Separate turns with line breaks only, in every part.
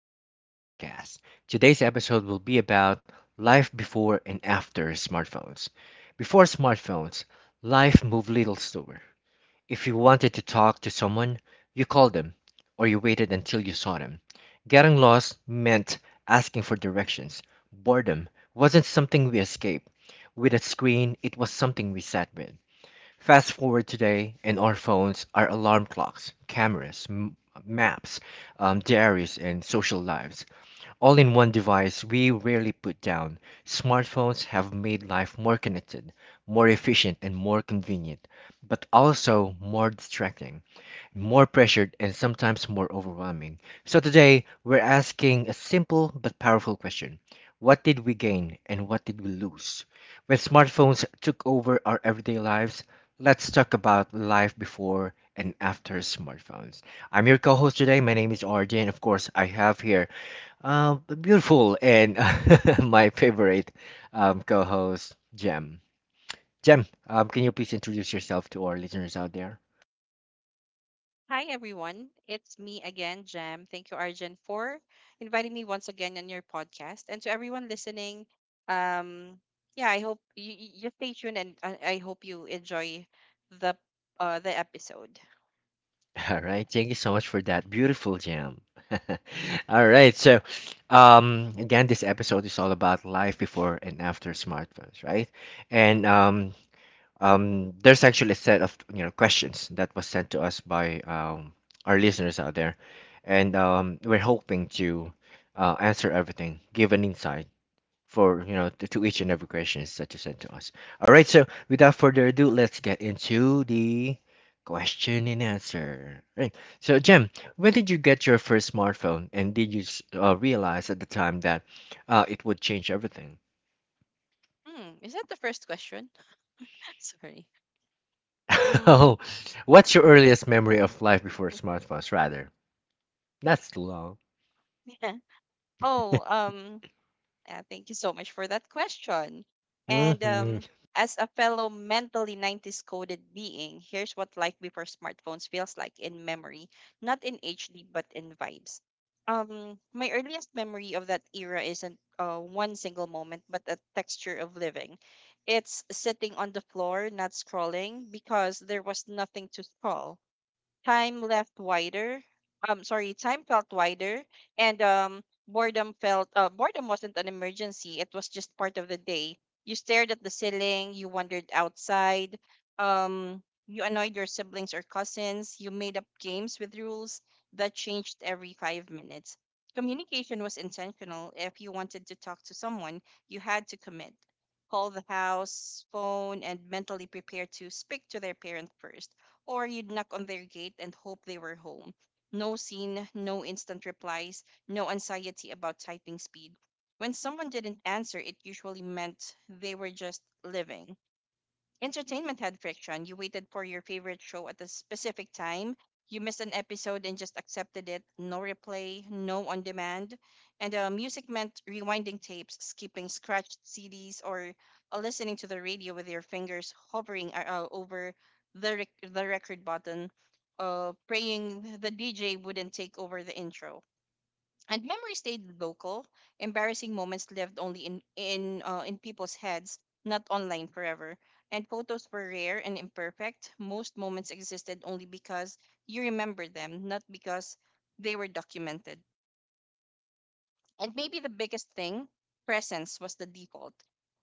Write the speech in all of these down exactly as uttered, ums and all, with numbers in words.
to R J's podcast. Today's episode will be about life before and after smartphones. Before smartphones, life moved little slower. If you wanted to talk to someone, you called them or you waited until you saw them. Getting lost meant asking for directions. Boredom wasn't something we escaped. With a screen, it was something we sat with. Fast forward today, and our phones are alarm clocks, cameras, m- maps, um, diaries, and social lives. All in one device we rarely put down. Smartphones have made life more connected, more efficient, and more convenient, but also more distracting, more pressured, and sometimes more overwhelming. So today, we're asking a simple but powerful question: what did we gain and what did we lose when smartphones took over our everyday lives? Let's talk about life before and after smartphones. I'm your co host today. My name is R J, and of course, I have here uh, the beautiful and my favorite um, co host, Jem. Jem, um, can you please introduce yourself to our listeners out there?
Hi, everyone. It's me again, Jam. Thank you, Arjun, for inviting me once again on your podcast. And to everyone listening, um, yeah, I hope you, you stay tuned and uh, I hope you enjoy the uh, the episode.
All right, thank you so much for that beautiful Jam. All right, so um, again, this episode is all about life before and after smartphones, right? And um, Um, there's actually a set of you know questions that was sent to us by um, our listeners out there, and um, we're hoping to uh, answer everything, give an insight for you know to, to each and every questions that you sent to us. All right, so without further ado, let's get into the question and answer. Right. So, Jem, when did you get your first smartphone, and did you s- uh, realize at the time that uh, it would change everything?
Hmm, is that the first question? Sorry. Mm,
Oh, what's your earliest memory of life before smartphones, rather? That's too long.
yeah. Oh, um, Uh, thank you so much for that question. And um,
Hmm.
As a fellow mentally nineties coded being, here's what life before smartphones feels like in memory, not in H D, but in vibes. Um, my earliest memory of that era isn't uh, one single moment, but a texture of living. It's sitting on the floor, not scrolling, because there was nothing to scroll. Time left wider. Um, sorry, time felt wider, and um, boredom felt. Uh, boredom wasn't an emergency. It was just part of the day. You stared at the ceiling. You wandered outside. Um, you annoyed your siblings or cousins. You made up games with rules that changed every five minutes. Communication was intentional. If you wanted to talk to someone, you had to commit, call the house phone and mentally prepare to speak to their parent first, or you'd knock on their gate and hope they were home. No scene, no instant replies, no anxiety about typing speed. When someone didn't answer, it usually meant they were just living. Entertainment had friction. You waited for your favorite show at a specific time. You missed an episode and just accepted it. No replay, no on demand. And uh, Music meant rewinding tapes, skipping scratched C Ds, or uh, listening to the radio with your fingers hovering uh, uh, over the, rec- the record button, uh, praying the D J wouldn't take over the intro, and memory stayed local. Embarrassing moments lived only in in uh, in people's heads, not online forever. And photos were rare and imperfect. Most moments existed only because you remember them, not because they were documented. And maybe the biggest thing, presence was the default.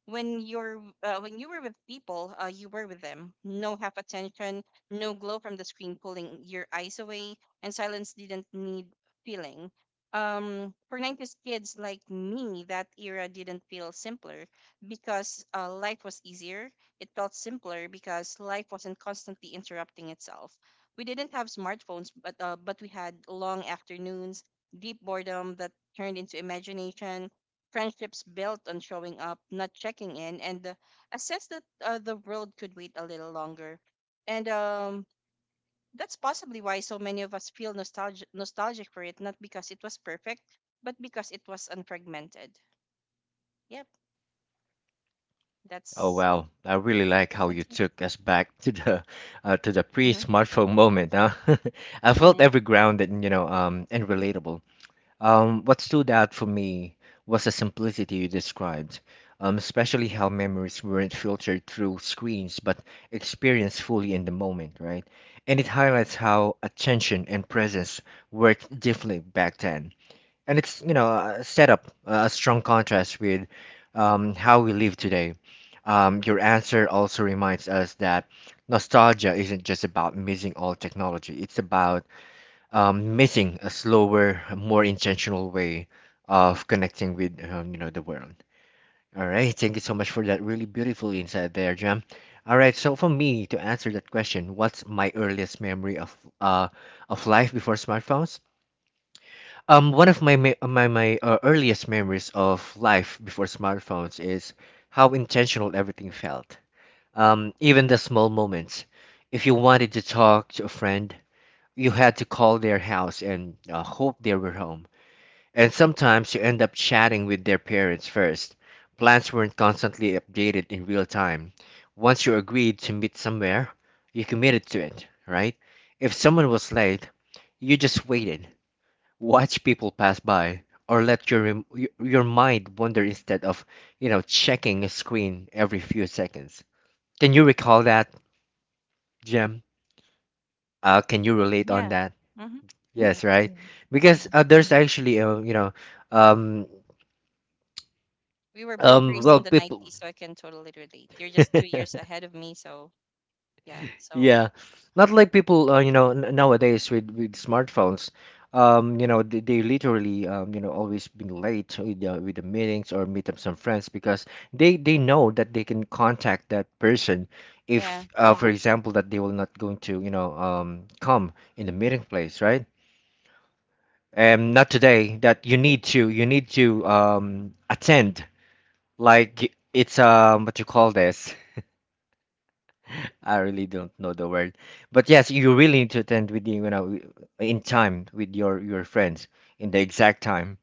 When you're uh, when you were with people, uh, you were with them. No half attention, no glow from the screen pulling your eyes away, and silence didn't need feeling. Um, for nineties kids like me, that era didn't feel simpler because uh, life was easier. It felt simpler because life wasn't constantly interrupting itself. We didn't have smartphones, but uh, but we had long afternoons, deep boredom that turned into imagination, friendships built on showing up, not checking in, and uh, a sense that uh, the world could wait a little longer. And um, That's possibly why so many of us feel nostalgi- nostalgic for it, not because it was perfect, but because it was unfragmented. Yep,
Oh
that's
wow, I really like how
my
you
take.
took us back to the uh, to the
Mm-hmm,
pre-smartphone moment, huh? I felt
mm-hmm.
every grounded, you know, um, and relatable. Um, what stood out for me was the simplicity you described, um, especially how memories weren't filtered through screens but experienced fully in the moment, right? And it highlights how attention and presence worked differently back then. And it's, you know, uh, set up a strong contrast with um, how we live today. Um, your answer also reminds us that nostalgia isn't just about missing all technology, it's about um, missing a slower, more intentional way of connecting with um, you know the world. All right, thank you so much for that really beautiful insight there, Jam. All right, so for me to answer that question, what's my earliest memory of uh of life before smartphones? Um, one of my me- my my uh, earliest memories of life before smartphones is how intentional everything felt. Um, even the small moments. If you wanted to talk to a friend, you had to call their house and uh, hope they were home. And sometimes you end up chatting with their parents first. Plans weren't constantly updated in real time. Once you agreed to meet somewhere, you committed to it, right? If someone was late, you just waited, watched people pass by, or let your rem- y- your mind wander instead of, you know, checking a screen every few seconds. Can you recall that, Jem? Uh, can you relate on
Yeah.
that?
Mm-hmm. Yes.
Yes, right. Mm. Because
Mm-hmm.
uh, there's actually uh, you know, um,
We were both
um,
raised
well,
in the
people.
nineties, so I can totally relate. You're just two years ahead of me, so yeah.
Yeah,
So
not like people, uh, you know, n nowadays with with smartphones. Um, you know, they, they literally, um, you know, always been late with the, with the meetings or meet up some friends because they they know that they can contact that person
yeah.
if, uh, yeah, for yeah, example, that they will not going to, you know, um, come in the meeting place, right? And not today that you need to you need to um attend. Like it's um what you call this? I really don't know the word. But yes, you really need to attend with the, you know in time with your your friends in the exact time.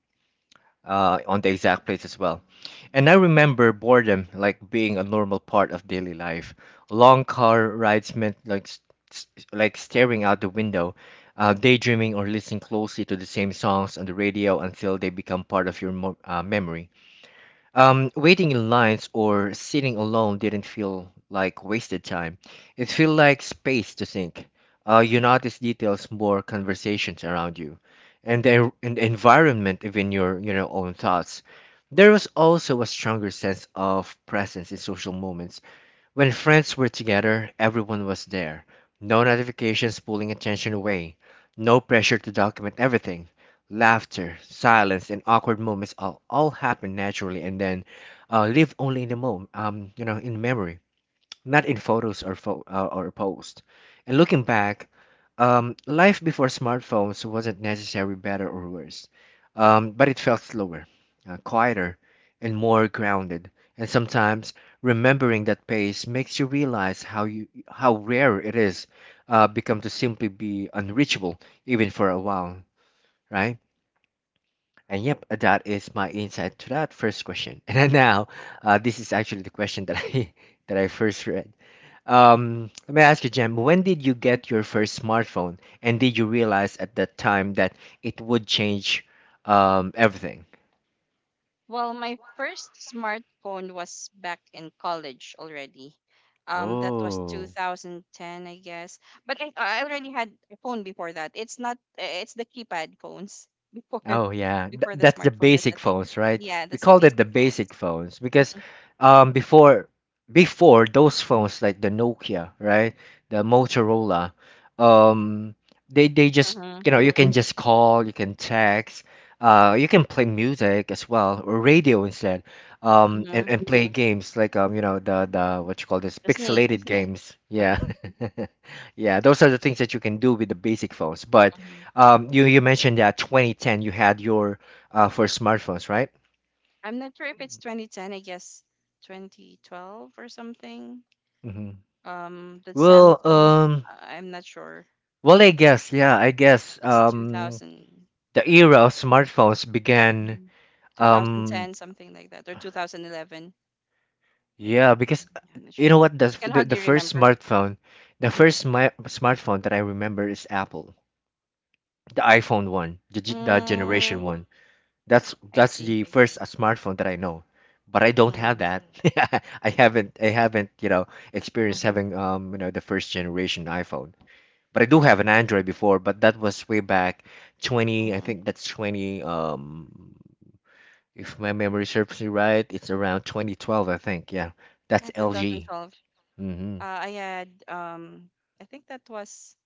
Uh, on the exact place as well. And I remember boredom like being a normal part of daily life. Long car rides meant like s- s- like staring out the window, uh, daydreaming or listening closely to the same songs on the radio until they become part of your mo- uh, memory. Um, waiting in lines or sitting alone didn't feel like wasted time. It felt like space to think. Uh, you notice details more, conversations around you, and the and the environment, even your you know own thoughts. There was also a stronger sense of presence in social moments. When friends were together, everyone was there. No notifications pulling attention away, no pressure to document everything. Laughter, silence, and awkward moments all, all happened naturally and then uh, live only in the moment, um, you know, in memory, not in photos or fo- uh, or posts. And looking back, um, life before smartphones wasn't necessarily better or worse, um, but it felt slower, uh, quieter, and more grounded. And sometimes, remembering that pace makes you realize how you how rare it is, uh, become to simply be unreachable even for a while, right? And yep, that is my insight to that first question. And then now, uh, this is actually the question that I that I first read. Um, let me ask you, Jem, when did you get your first smartphone, and did you realize at that time that it would change um, everything?
Well, my first smartphone was back in college already. Um, that was
Oh.
two thousand ten, I guess. But I, I already had a phone before that. It's not. uh, It's the keypad phones before
Oh yeah, Th-
before the
that's the
smartphone was a
basic
thing.
phones, right?
Yeah,
We
that's the
called it the
basic phones.
basic phones because,
Mhm,
um, before before those phones like the Nokia, right? The Motorola, um, they they just,
mhm,
you know you can just call, you can text, uh, you can play music as well, or radio instead, um, and
mhm.
and play games like um you know the the what you call this,
The snake.
pixelated games, yeah,
Mhm,
yeah. Those are the things that you can do with the basic phones, but
mhm.
um, you you mentioned that twenty ten you had your uh first smartphones, right?
I'm not sure if it's twenty ten. I guess twenty twelve or something.
Hmm.
Um, the
Well,
Samsung.
um,
I- I'm not sure.
well, I guess yeah, I guess
It's
um
two thousand.
the era of smartphones began,
Mhm.
um
two thousand ten, something like that, or two thousand eleven.
yeah because uh,
Yeah, I'm not
you
sure.
know what, the
I
f-
can
the, the
hardly
first
remember.
smartphone, the
Mhm.
first smi- smartphone that I remember is Apple, the iPhone one, the, g- the generation
Mm,
one. That's
I
that's
see.
the first uh, smartphone that I know, but I don't have
Mm,
that. I haven't I haven't you know experienced
mm-hmm,
having, um you know the first generation iPhone. But I do have an Android before, but that was way back twenty. I
mm-hmm.
think that's twenty. Um, if my memory serves me right, it's around twenty twelve. I think, yeah, that's
Yeah,
L G.
two thousand twelve. Uh, I had um, I think that was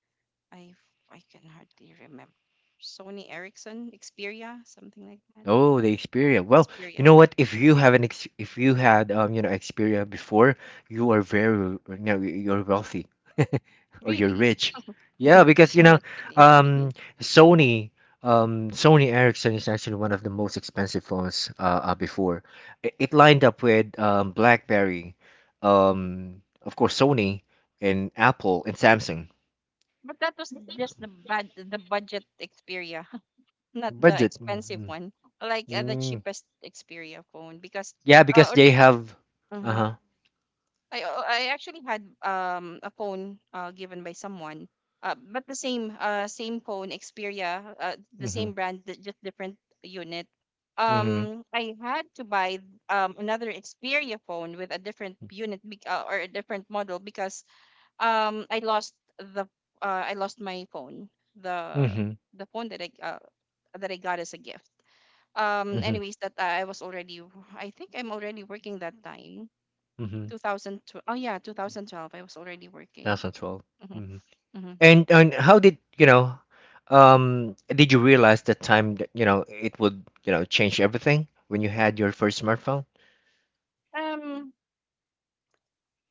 I I can hardly remember. Sony Ericsson, Xperia, something like that.
Oh, the Xperia. Well, you
Xperia.
know what? If you have an ex If you had, um you know Xperia before, you are very, you know you're wealthy or you're
Really?
rich. Yeah, because, you know
Not really.
um Sony, um Sony Ericsson is actually one of the most expensive phones uh, uh before. It, it lined up with um BlackBerry, um of course Sony and Apple and Samsung.
But that was just the bad the budget Xperia. Not the
Budget.
expensive
Mm-hmm.
one, like uh, the
Mm.
cheapest Xperia phone because
Yeah,
uh,
because
or
they
the-
have,
Mhm.
uh-huh.
I uh, I actually had um a phone uh given by someone uh but the same uh same phone Xperia uh the
Mm-hmm.
same brand di- just different unit.
Mm-hmm.
Um, I had to buy um another Xperia phone with a different unit bec- uh, or a different model because um I lost the uh I lost my phone, the
Mhm,
the phone that I uh that I got as a gift. Um
mhm,
anyways, that uh, I was already, I think I'm already working that time,
mhm.
two thousand twelve. Oh yeah, twenty twelve I was already working.
twenty twelve.
Hmm
Mhm.
hmm.
And and how did you know? Um, did you realize that time that you know it would you know change everything when you had your first smartphone?
um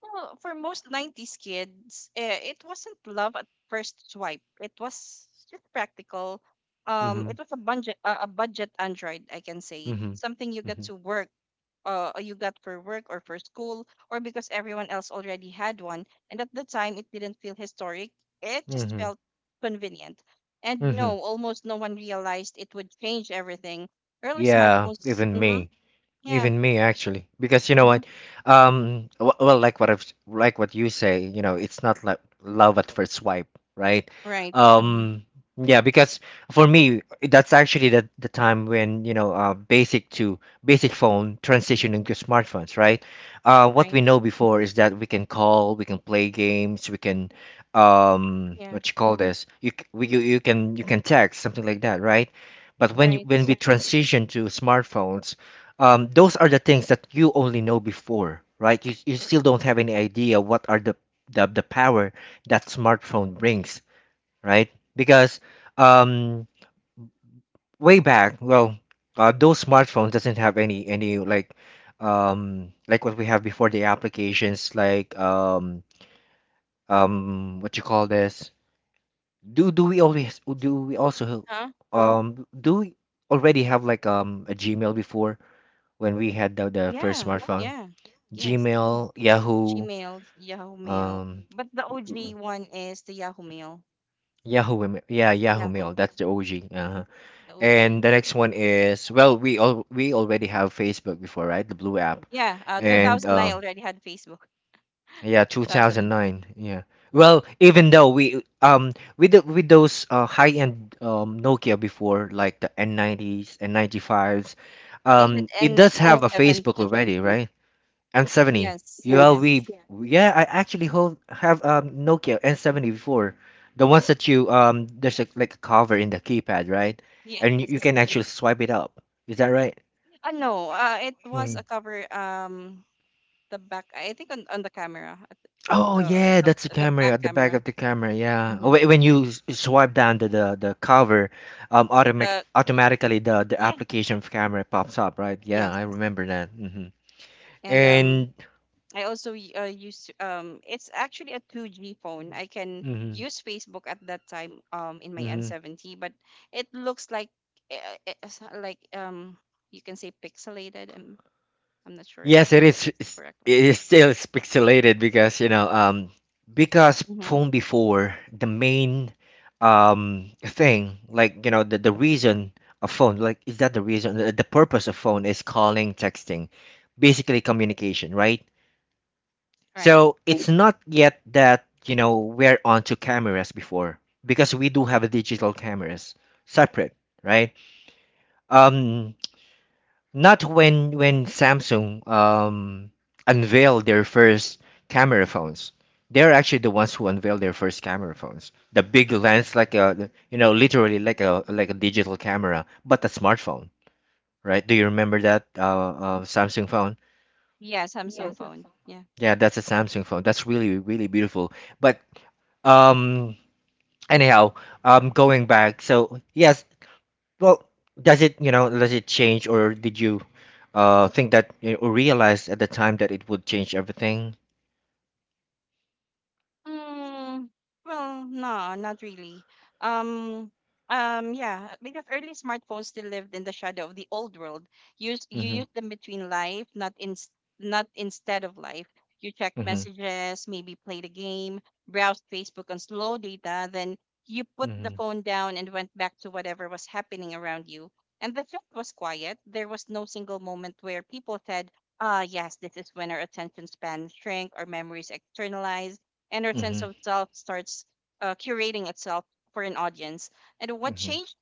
well, for most nineties kids eh, it wasn't love at first swipe, it was just practical. Um it
Mhm,
was a budget, a a budget Android, I can say.
mhm,
Something you get
mhm,
to work, uh, uh, you got for work or for school, or because everyone else already had one. And at the time, it didn't feel historic, it just
mhm,
felt convenient. And
mhm.
no, almost no one realized it would change everything. Early
Yeah,
smartphones,
even
mm-hmm,
me.
yeah,
Even me, actually, because you know
mm-hmm,
what, um, w- well, like what I've like what you say, you know, it's not like love at first swipe, right?
right, uh-huh,
Um, yeah, because for me, that's actually the the time when, you know, uh, basic to basic phone transition into smartphones, right? Uh, what we
right,
know before is that we can call, we can play games, we can, um,
yeah,
what you call this? You c- we you, you can you can text something like that, right? But when you,
right,
when we transition to smartphones, um, those are the things that you only know before, right? You, you still don't have any idea what are the, the, the power that smartphone brings, right? Because, um, way back, well, uh, those smartphones doesn't have any any like, um, like what we have before, the applications like, um, um, what you call this? Do do we always do we also
huh?
um do we already have like um a Gmail before when we had the, the first
Yeah,
smartphone?
yeah, yes.
Gmail, Yahoo,
Gmail, Yahoo Mail.
um,
But the O G one is the Yahoo Mail.
Yahoo, Mail- yeah, Yahoo Mail.
Yahoo.
That's the O G. Uh-huh.
Mhm. The
And
O G.
the next one is, well, we all we already have Facebook before, right? The blue app.
Yeah, uh,
Yeah. And mhm,
two thousand nine I
um,
already had Facebook.
yeah,
two thousand nine.
two thousand nine. Yeah. Well, even though we, um with the, with those uh, high-end um Nokia before, like the N nineties and ninety fives,
I
um,
had
it
N
does have a
N70.
Facebook already, right? N seventy. Right?
Yes,
Yeah, yes,
yes,
we, yeah. Yeah, I actually hold have um Nokia N seventy before. The ones that you um there's a, like a cover in the keypad, right? And you, you
yes.
can actually swipe it up. Is that right?
Uh, no, uh, It was
Mm.
a cover. Um, the back. I think on, on the camera, at
Oh
the
yeah,
the
that's the
the
camera
back
at the back
camera.
of the camera. Yeah. Oh,
Hmm.
wait, when you s- swipe down the the, the cover, um automatic
The
automatically the the
Yeah,
application of camera pops up, right? Yeah,
yes.
I remember that. Hmm
And um,
And
I also y- uh, used to- um, it's actually a two G phone. I can
mhm,
use Facebook at that time um in my
mhm.
N seventy, but it looks like uh, uh, s- like um you can say pixelated. I'm I'm not sure if
Yes, it is.
that's the
It's-
correct.
It is still is pixelated because you know, um, because
Mm-hmm.
phone before the main um thing, like you know, the the reason of phone, like is that the reason? The, the purpose of phone is calling, texting, basically communication, right?
Right.
So it's not yet that you know we're onto cameras before because we do have digital cameras separate, right? Um, Not when when Samsung um unveiled their first camera phones. They're actually the ones who unveiled their first camera phones. The big lens, like a you know, literally like a like a digital camera, but a smartphone, right? Do you remember that uh, uh Samsung phone?
Yeah, Samsung phone. Yeah.
Yeah, that's a Samsung phone. That's really really beautiful. But um anyhow um going back, so yes. Well, does it, you know, does it change or did you uh think that, you know, or realize at the time that it would change everything?
Mm, well, no, not really. Um, um, yeah, because early smartphones still lived in the shadow of the old world. Use You
Mm-hmm.
use them between life, not in, not instead of life. You check
Mm-hmm.
messages, maybe played a game, browsed Facebook on slow data, then you put the
Mm-hmm.
phone down and went back to whatever was happening around you. And the trip was quiet. There was no single moment where people said, "Ah, yes, this is when our attention span shrank, our memories externalized," and our sense
Mm-hmm.
of self starts uh, curating itself for an audience. And what
Mm-hmm.
changed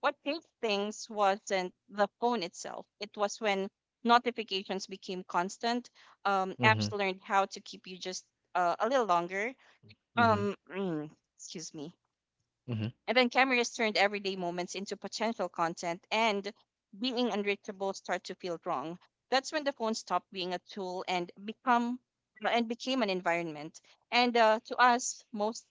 what changed things wasn't the phone itself. It was when notifications became constant. Um,
Mm-hmm.
apps learned how to keep you just uh, a little longer.
Mm-hmm.
Um, mm, excuse me.
Mm-hmm.
And then cameras turned everyday moments into potential content, and being unreachable start to feel wrong. That's when the phone stopped being a tool and become and became an environment. And uh, to us, most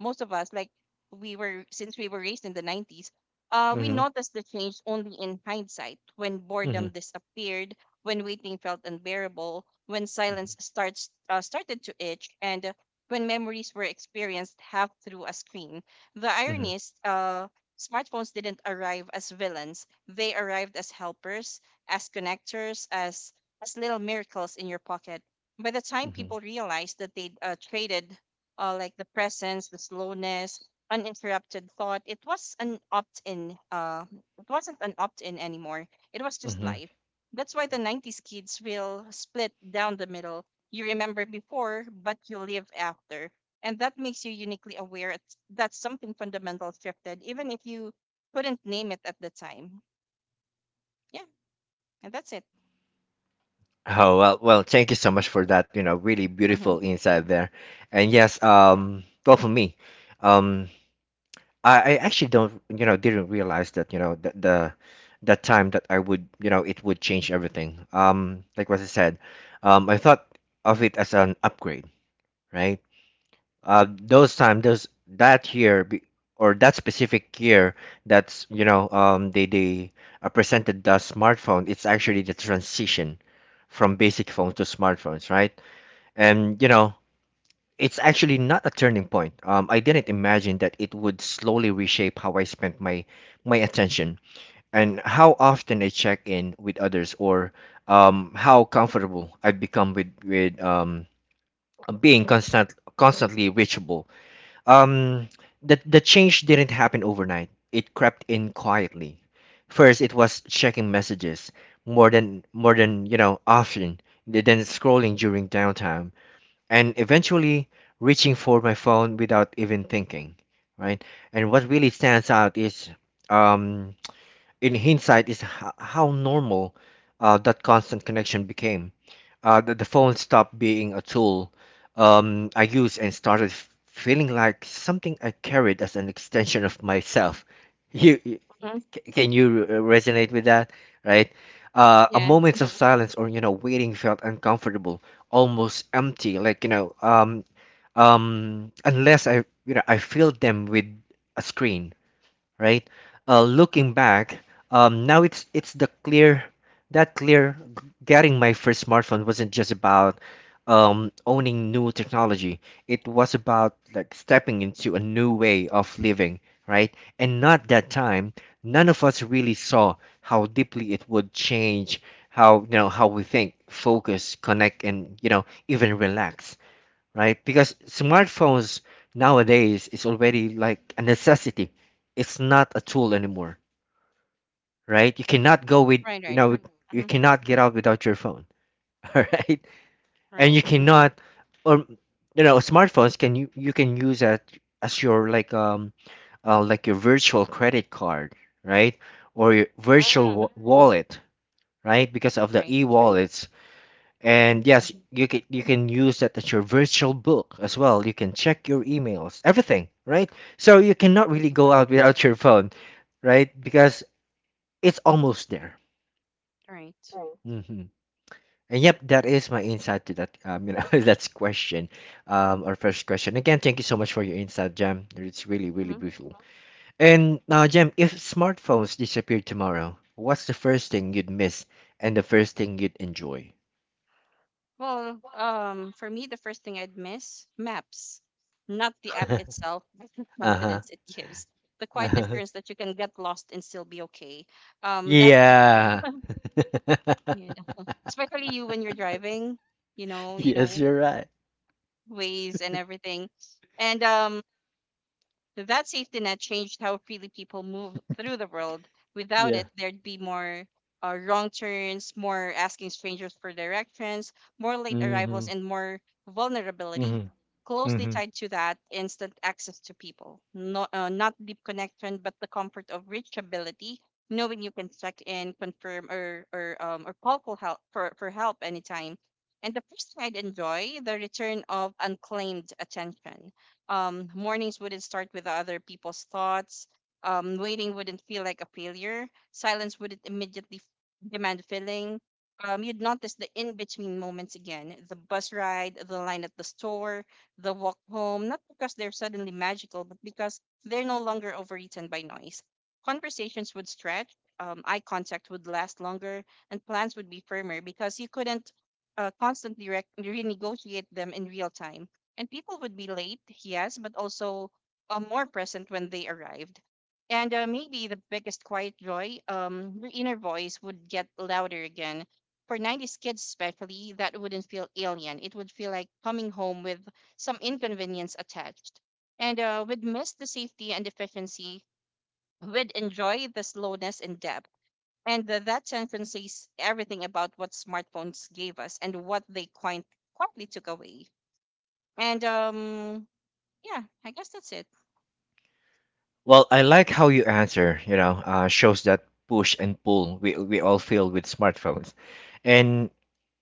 most of us, like we were, since we were raised in the nineties, uh, we
Mm-hmm.
noticed the change only in hindsight, when
Mm-hmm.
boredom disappeared, when waiting felt unbearable, when silence starts uh, started to itch, and uh, when memories were experienced half through a screen. The irony is, uh, smartphones didn't arrive as villains. They arrived as helpers, as connectors, as as little miracles in your pocket. By the time
Mm-hmm.
people realized that they uh, traded, uh, like, the presence, the slowness, uninterrupted thought, it was an opt-in. Uh, it wasn't an opt-in anymore. It was just
Mm-hmm.
life. That's why the nineties kids will split down the middle. You remember before, but you live after, and that makes you uniquely aware it's, that something fundamental shifted, even if you couldn't name it at the time. Yeah, and that's it.
Oh well, well, thank you so much for that, you know, really
Mm-hmm.
beautiful insight there. And yes, um, well for me, um I, I actually don't, you know, didn't realize that, you know, the, the the time that I would, you know, it would change everything. Um, like what I said, um, I thought of it as an upgrade, right? Uh, those time, those that year be- or that specific year, that's, you know, um, they they uh, presented the smartphone. It's actually the transition from basic phones to smartphones, right? And you know, it's actually not a turning point. Um, I didn't imagine that it would slowly reshape how I spent my my attention and how often I check in with others or um, how comfortable I've become with with um, being constant constantly reachable. Um, the the change didn't happen overnight. It crept in quietly. First, it was checking messages more than more than you know often than scrolling during downtime, and eventually reaching for my phone without even thinking, right? And what really stands out is, um, in hindsight, is ho- how normal uh, that constant connection became. Uh, the, the phone stopped being a tool um, I used and started f- feeling like something I carried as an extension of myself. You,
Hmm.
C- Can you uh, resonate with that, right? Uh, a
Yeah,
moments of silence or you know waiting felt uncomfortable, almost empty. Like you know, um, um, unless I you know I filled them with a screen, right? Uh, looking back, um, now it's it's the clear that clear getting my first smartphone wasn't just about um, owning new technology. It was about like stepping into a new way of living, right? And not that time, none of us really saw how deeply it would change how you know how we think, focus, connect, and you know even relax, right? Because smartphones nowadays is already like a necessity. It's not a tool anymore, right? You cannot go with,
right,
you
right.
know, with- you
Mm-hmm.
cannot get out without your phone, all right? And
Right.
you cannot, or you know, smartphones can you you can use that as your like um uh, like your virtual credit card, right? Or your virtual
Mm-hmm.
wa- wallet, right? Because of the Right.
Right.
e-wallets.
Mm-hmm.
And yes, you can you can use that as your virtual book as well. You can check your emails, everything, right? So you cannot really
Everything.
go out without your phone, right? Because it's almost there.
Right.
Hmm And yep, that is my insight to that um, you know that's question, um, our first question. Again, thank you so much for your insight, Jam. It's really really
Mm-hmm.
beautiful. And now, Jam, if smartphones disappeared tomorrow, what's the first thing you'd miss and the first thing you'd enjoy?
Well, um, for me, the first thing I'd miss, maps, not the app itself, but the
Uh-huh.
confidence it gives, the quiet
Uh-huh.
assurance that you can get lost and still be okay. Um, that's
Yeah.
you know, especially you when you're driving, you know, you
Yes,
know
you're right.
ways and everything. And um So that safety net changed how freely people move through the world. Without
Yeah.
it, there'd be more uh, wrong turns, more asking strangers for directions, more late arrivals,
hmm
and more vulnerability.
hmm
Closely
hmm
tied to that, instant access to people. Not, uh, not deep connection, but the comfort of reachability, knowing you can check in, confirm, or, or, um, or call for help, for, for help anytime. And the first thing I'd enjoy, the return of unclaimed attention. Um, mornings wouldn't start with other people's thoughts. Um, waiting wouldn't feel like a failure. Silence wouldn't immediately f- demand filling. Um, you'd notice the in between moments again, the bus ride, the line at the store, the walk home, not because they're suddenly magical, but because they're no longer overeaten by noise. Conversations would stretch, um, eye contact would last longer, and plans would be firmer because you couldn't uh, constantly re- renegotiate them in real time, and people would be late, yes, but also uh, more present when they arrived. And uh, maybe the biggest quiet joy, um, your inner voice would get louder again. For nineties kids, especially, that wouldn't feel alien. It would feel like coming home with some inconvenience attached. And uh, would miss the safety and efficiency, would enjoy the slowness and depth. And uh, that sentence says everything about what smartphones gave us and what they quite, quietly took away. And um, yeah, I guess that's it.
Well, I like how you answer, you know, uh, shows that push and pull we, we all feel with smartphones. And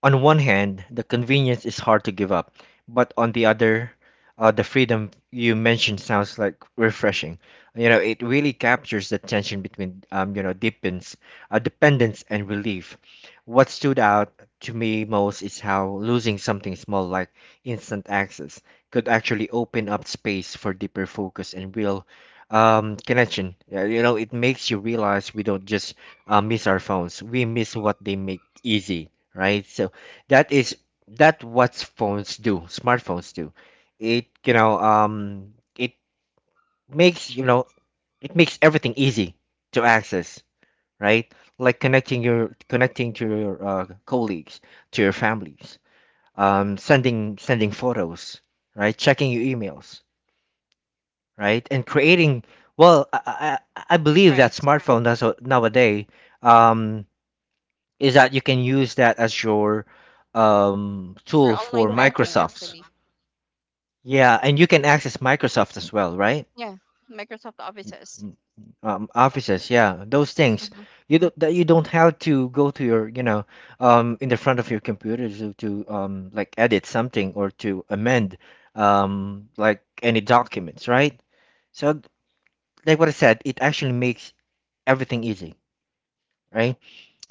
on one hand, the convenience is hard to give up, but on the other, uh, the freedom you mentioned sounds like refreshing. You know, it really captures the tension between, um, you know, depends, uh, dependence and relief. What stood out to me most is how losing something small like instant access could actually open up space for deeper focus and real um, connection. Yeah, you know, it makes you realize we don't just uh, miss our phones. We miss what they make easy, right? So that is that what phones do, smartphones do. It you know um it makes you know it makes everything easy to access, right? Like connecting your connecting to your uh, colleagues, to your families, um, sending sending photos, right? Checking your emails, right? And creating, well, I, I, I believe
Right.
that smartphone that's a- nowadays, um, is that you can use that as your um,
Or
tool
online
for
banking,
Microsoft's.
actually.
Yeah, and you can access Microsoft as well, right?
Yeah, Microsoft Offices.
Mm, Um,
Oh,
offices, yeah, those things.
mm-hmm,
You don't that you don't have to go to your, you know, um, in the front of your computer to, to um, like edit something or to amend um, like any documents, right? So, like what I said, it actually makes everything easy, right?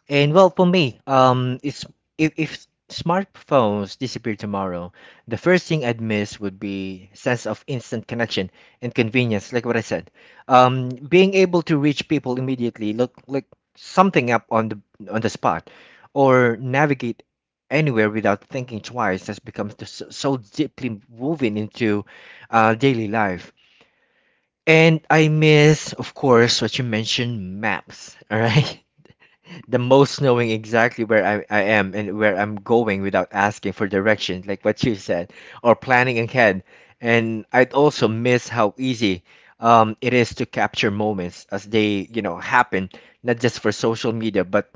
And well, for me, um, it's if, if smartphones disappear tomorrow, the first thing I'd miss would be sense of instant connection and convenience, like what I said. Um, being able to reach people immediately, look like something up on the on the spot, or navigate anywhere without thinking twice has become so, so deeply woven into uh, daily life. And I miss, of course, what you mentioned, maps. All right. The most, knowing exactly where I, I am and where I'm going without asking for directions, like what you said, or planning ahead. And I'd also miss how easy um, it is to capture moments as they, you know, happen, not just for social media, but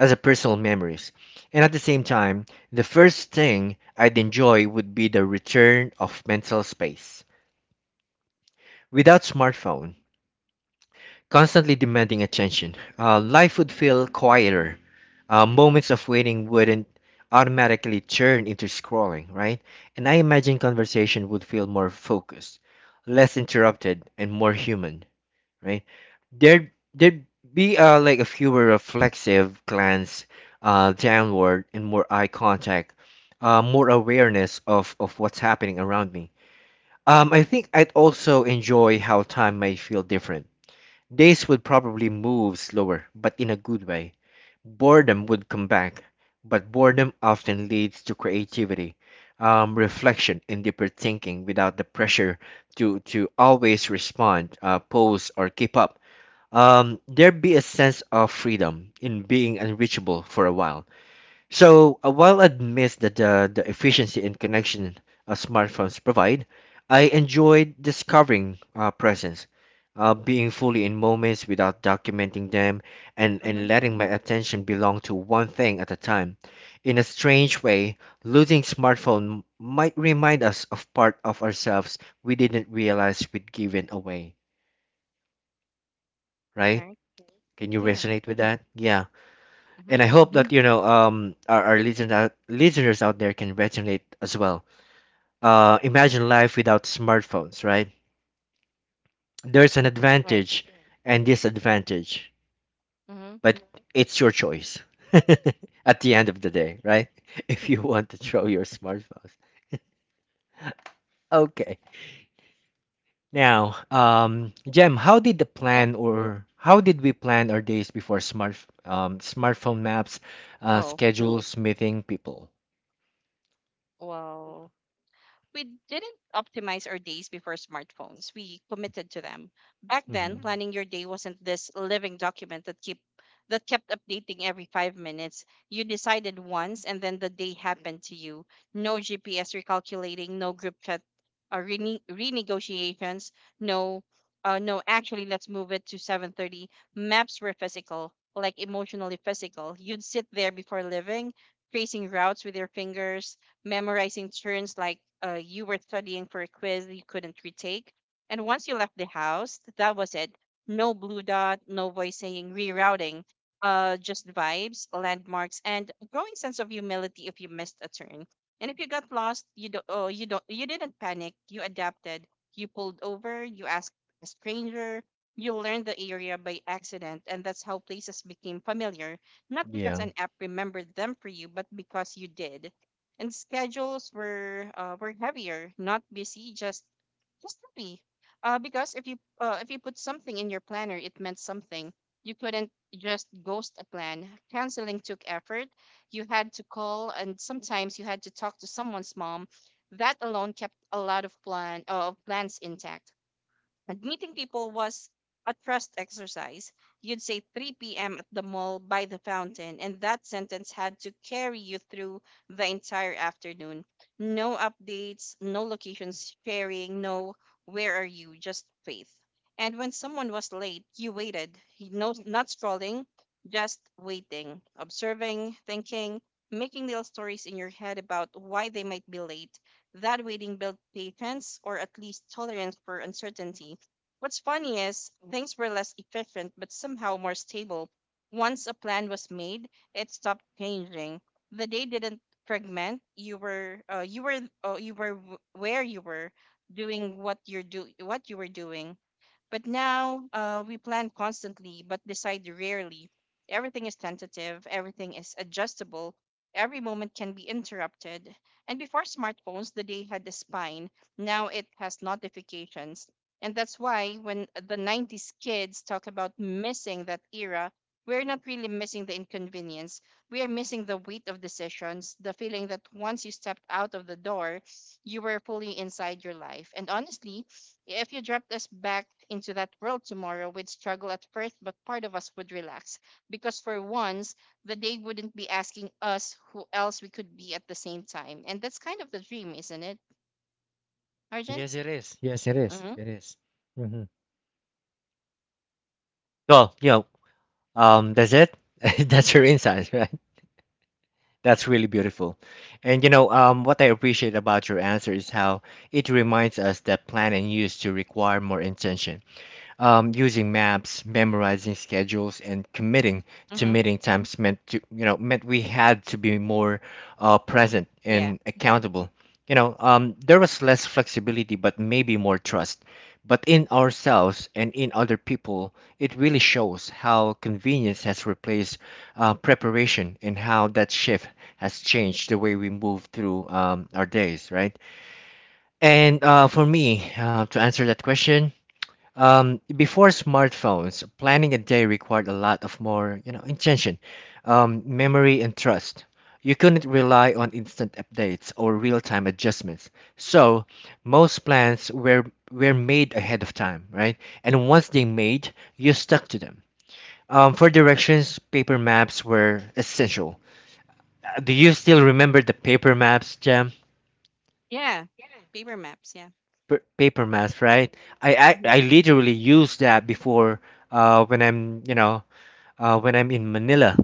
as a personal memories. And at the same time, the first thing I'd enjoy would be the return of mental space. Without smartphones constantly demanding attention. Uh, life would feel quieter. Uh, moments of waiting wouldn't automatically turn into scrolling, right? And I imagine conversation would feel more focused, less interrupted, and more human, right? There, there'd be uh, like a fewer reflexive glance uh, downward and more eye contact, uh, more awareness of, of what's happening around me. Um, I think I'd also enjoy how time might feel different. Days would probably move slower, but in a good way. Boredom would come back, but boredom often leads to creativity, um, reflection, and deeper thinking without the pressure to, to always respond, uh, pose, or keep up. Um, there'd be a sense of freedom in being unreachable for a while, so, uh, while I'd miss the, the, the efficiency and connection uh, smartphones provide, I enjoyed discovering uh, presence, uh, being fully in moments without documenting them, and,
mm-hmm,
and letting my attention belong to one thing at a time. In a strange way, losing smartphone might remind us of part of ourselves we didn't realize we'd given away, right?
right.
Can you
Yeah,
resonate with that? Yeah.
mm-hmm,
And I hope that you know um our, our listen out, listeners out there can resonate as well. Uh, imagine life without smartphones, right? There's an
right.
advantage and disadvantage,
Mm-hmm,
but it's your choice at the end of the day, right? If you want to throw your smartphones. Okay. Now, um, Jem, how did the
yeah.
plan or how did we plan our days before smart um, smartphone maps, uh,
Oh,
schedules, meeting people?
wow. We didn't optimize our days before smartphones. We committed to them. Back then,
Hmm
planning your day wasn't this living document that keep that kept updating every five minutes. You decided once, and then the day happened to you. No G P S recalculating, no group chat uh, rene- renegotiations, no uh, no, actually, let's move it to seven thirty. Maps were physical, like emotionally physical. You'd sit there before living, tracing routes with your fingers, memorizing turns like uh, you were studying for a quiz you couldn't retake. And once you left the house, that was it. No blue dot, no voice saying rerouting, uh, just vibes, landmarks, and a growing sense of humility if you missed a turn. And if you got lost, you don't, oh, you don't, you didn't panic. You adapted. You pulled over. You asked a stranger. You learned the area by accident, and that's how places became familiar. Not because
Yeah.
an app remembered them for you, but because you did. And schedules were uh, were heavier, not busy, just just heavy. Uh, because if you uh, if you put something in your planner, it meant something. You couldn't just ghost a plan. Canceling took effort. You had to call, and sometimes you had to talk to someone's mom. That alone kept a lot of plan uh, of plans intact. And meeting people was a trust exercise. You'd say three p m at the mall by the fountain, and that sentence had to carry you through the entire afternoon. No updates, no locations sharing, no where are you, just faith. And when someone was late, you waited. You- No, not scrolling, just waiting, observing, thinking, making little stories in your head about why they might be late. That waiting built patience, or at least tolerance for uncertainty. What's funny is things were less efficient but somehow more stable. Once a plan was made, it stopped changing. The day didn't fragment. You were uh, you were uh, you were w- where you were, doing what you're do what you were doing. But now uh, we plan constantly but decide rarely. Everything is tentative, everything is adjustable, every moment can be interrupted. And before smartphones, the day had a spine. Now it has notifications. And that's why when the nineties kids talk about missing that era, we're not really missing the inconvenience. We are missing the weight of decisions, the feeling that once you stepped out of the door, you were fully inside your life. And honestly, if you dropped us back into that world tomorrow, we'd struggle at first, but part of us would relax because for once, the day wouldn't be asking us who else we could be at the same time. And that's kind of the dream, isn't it, Arjun?
Yes, it is. Yes, it is.
Mm-hmm.
It is. Mm-hmm. Well, you know, um, that's it. That's your insight, right? That's really beautiful. And you know, um, what I appreciate about your answer is how it reminds us that plan and use to require more intention. Um, using maps, memorizing schedules, and committing to
Mm-hmm.
meeting times meant to you know meant we had to be more uh, present
Yeah.
and accountable. You know, um, there was less flexibility, but maybe more trust. But in ourselves and in other people, it really shows how convenience has replaced uh, preparation and how that shift has changed the way we move through um, our days, right? And uh, for me, uh, to answer that question, um, before smartphones, planning a day required a lot of more, you know, intention, um, memory, and trust. You couldn't rely on instant updates or real-time adjustments. So most plans were were made ahead of time, right? And once they made, you stuck to them. Um, for directions, paper maps were essential. Uh, Do you still remember the paper maps, Jam?
Yeah. Paper maps. Yeah.
P- paper maps, right? I, I
Mm-hmm.
I literally use that before uh when I'm you know uh, when I'm in Manila.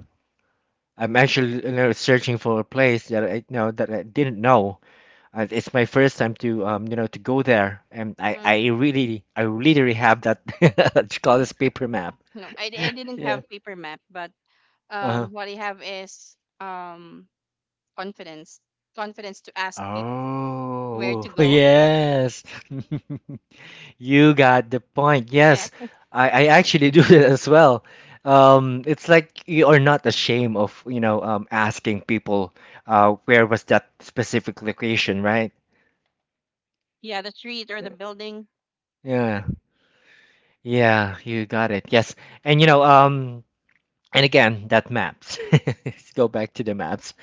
I'm actually, you know, searching for a place that I, you know that I didn't know. Uh, it's my first time to um, you know, to go there, and I,
Mm-hmm.
I really I literally have that what you call this paper map.
No, I, I didn't
Yeah.
have paper map, but
Uh-huh.
um, what I have is um confidence, confidence to ask people where to
Oh,
go.
yes. You got the point.
Yeah.
Yes, I, I actually do that as well. Um, it's like you are not ashamed of, you know, um, asking people, uh, where was that specific location, right?
Yeah, the street or the building.
Yeah, yeah, you got it. Yes. And you know, um, and again, that maps. Let's go back to the maps.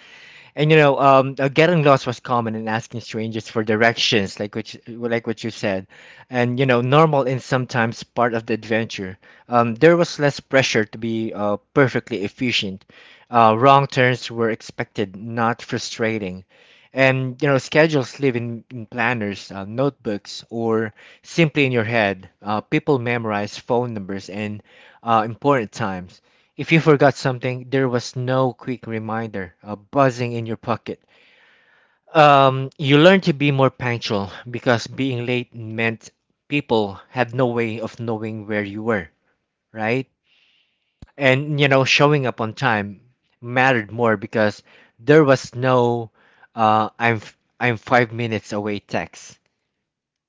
And you know, um, uh, getting lost was common in asking strangers for directions, like which, like what you said, and you know, normal and sometimes part of the adventure. Um, there was less pressure to be uh, perfectly efficient. Uh, wrong turns were expected, not frustrating. And you know, schedules live in, in planners, uh, notebooks, or simply in your head. Uh, people memorize phone numbers and uh, important times. If you forgot something, there was no quick reminder uh, buzzing in your pocket. Um, you learned to be more punctual because being late meant people had no way of knowing where you were, right? And you know, showing up on time mattered more because there was no uh, "I'm f- I'm five minutes away" text,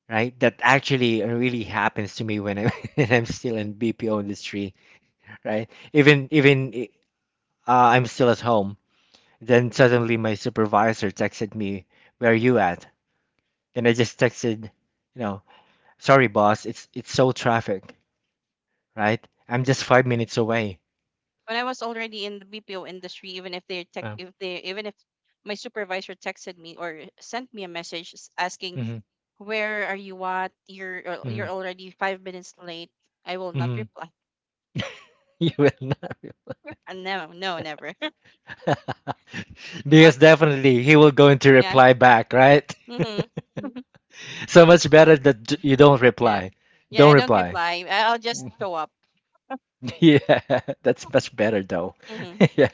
right? That actually really happens to me when I'm when I'm still in B P O industry, right? Even even uh, I'm still at home. Then suddenly my supervisor texted me, "Where are you at?" And I just texted, you know, "Sorry, boss. It's it's so traffic, right? I'm just five minutes away."
When I was already in the B P O industry, even if they tech,
Uh,
if they even if my supervisor texted me or sent me a message s- asking
hmm.
where are you at, you're uh, you're
Hmm.
already five minutes late, I will not
Hmm.
reply.
You will not,
Uh, no, no, Never.
re-
I'll
because
just
definitely he will going to
yeah,
reply back, right?
mm-hmm.
So much better
No,
that j- you don't
yeah,
reply.
yeah. I
Don't
don't
reply.
reply. I- I'll just show up.
Yeah, that's much better though.
Hmm.
Yeah.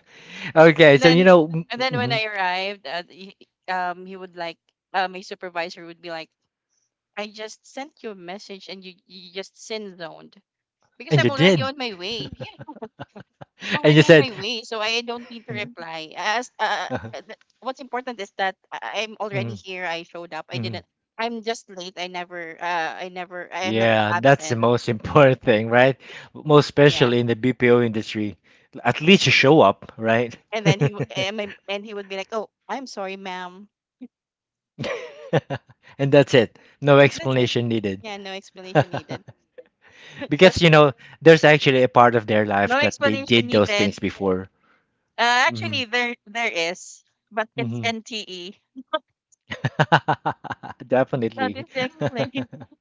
Okay,
And
so you
then
know, mm,
and then when
mhm.
I arrived, uh, he, um, he would like uh, my supervisor would be like, I just sent you a message and you you just sin zoned, because
And
I'm
you
already
did,
on my way. Yeah, I'm
and you
already on
said,
my way, so I don't need to reply. As uh, uh, th- what's important is that I- I'm already
uh,
here. I showed up. I
mhm.
didn't. I'm just late. I never. Uh, I never. I am not
Yeah, that's the
absent.
most important thing, right? Most
Yeah.
especially in the B P O industry. At least you show up, right?
And then he w- and my- and he would be like, "Oh, I'm sorry, ma'am,"
And that's it. No
and that's it.
explanation needed.
Yeah, no explanation needed. Just
Because, you know, there's actually a part of their
no
life that they
explanation
did those
needed.
things before.
Uh,
Hmm.
Actually, there there is, but it's
Hmm.
N T E. Not this
Definitely.
explanation.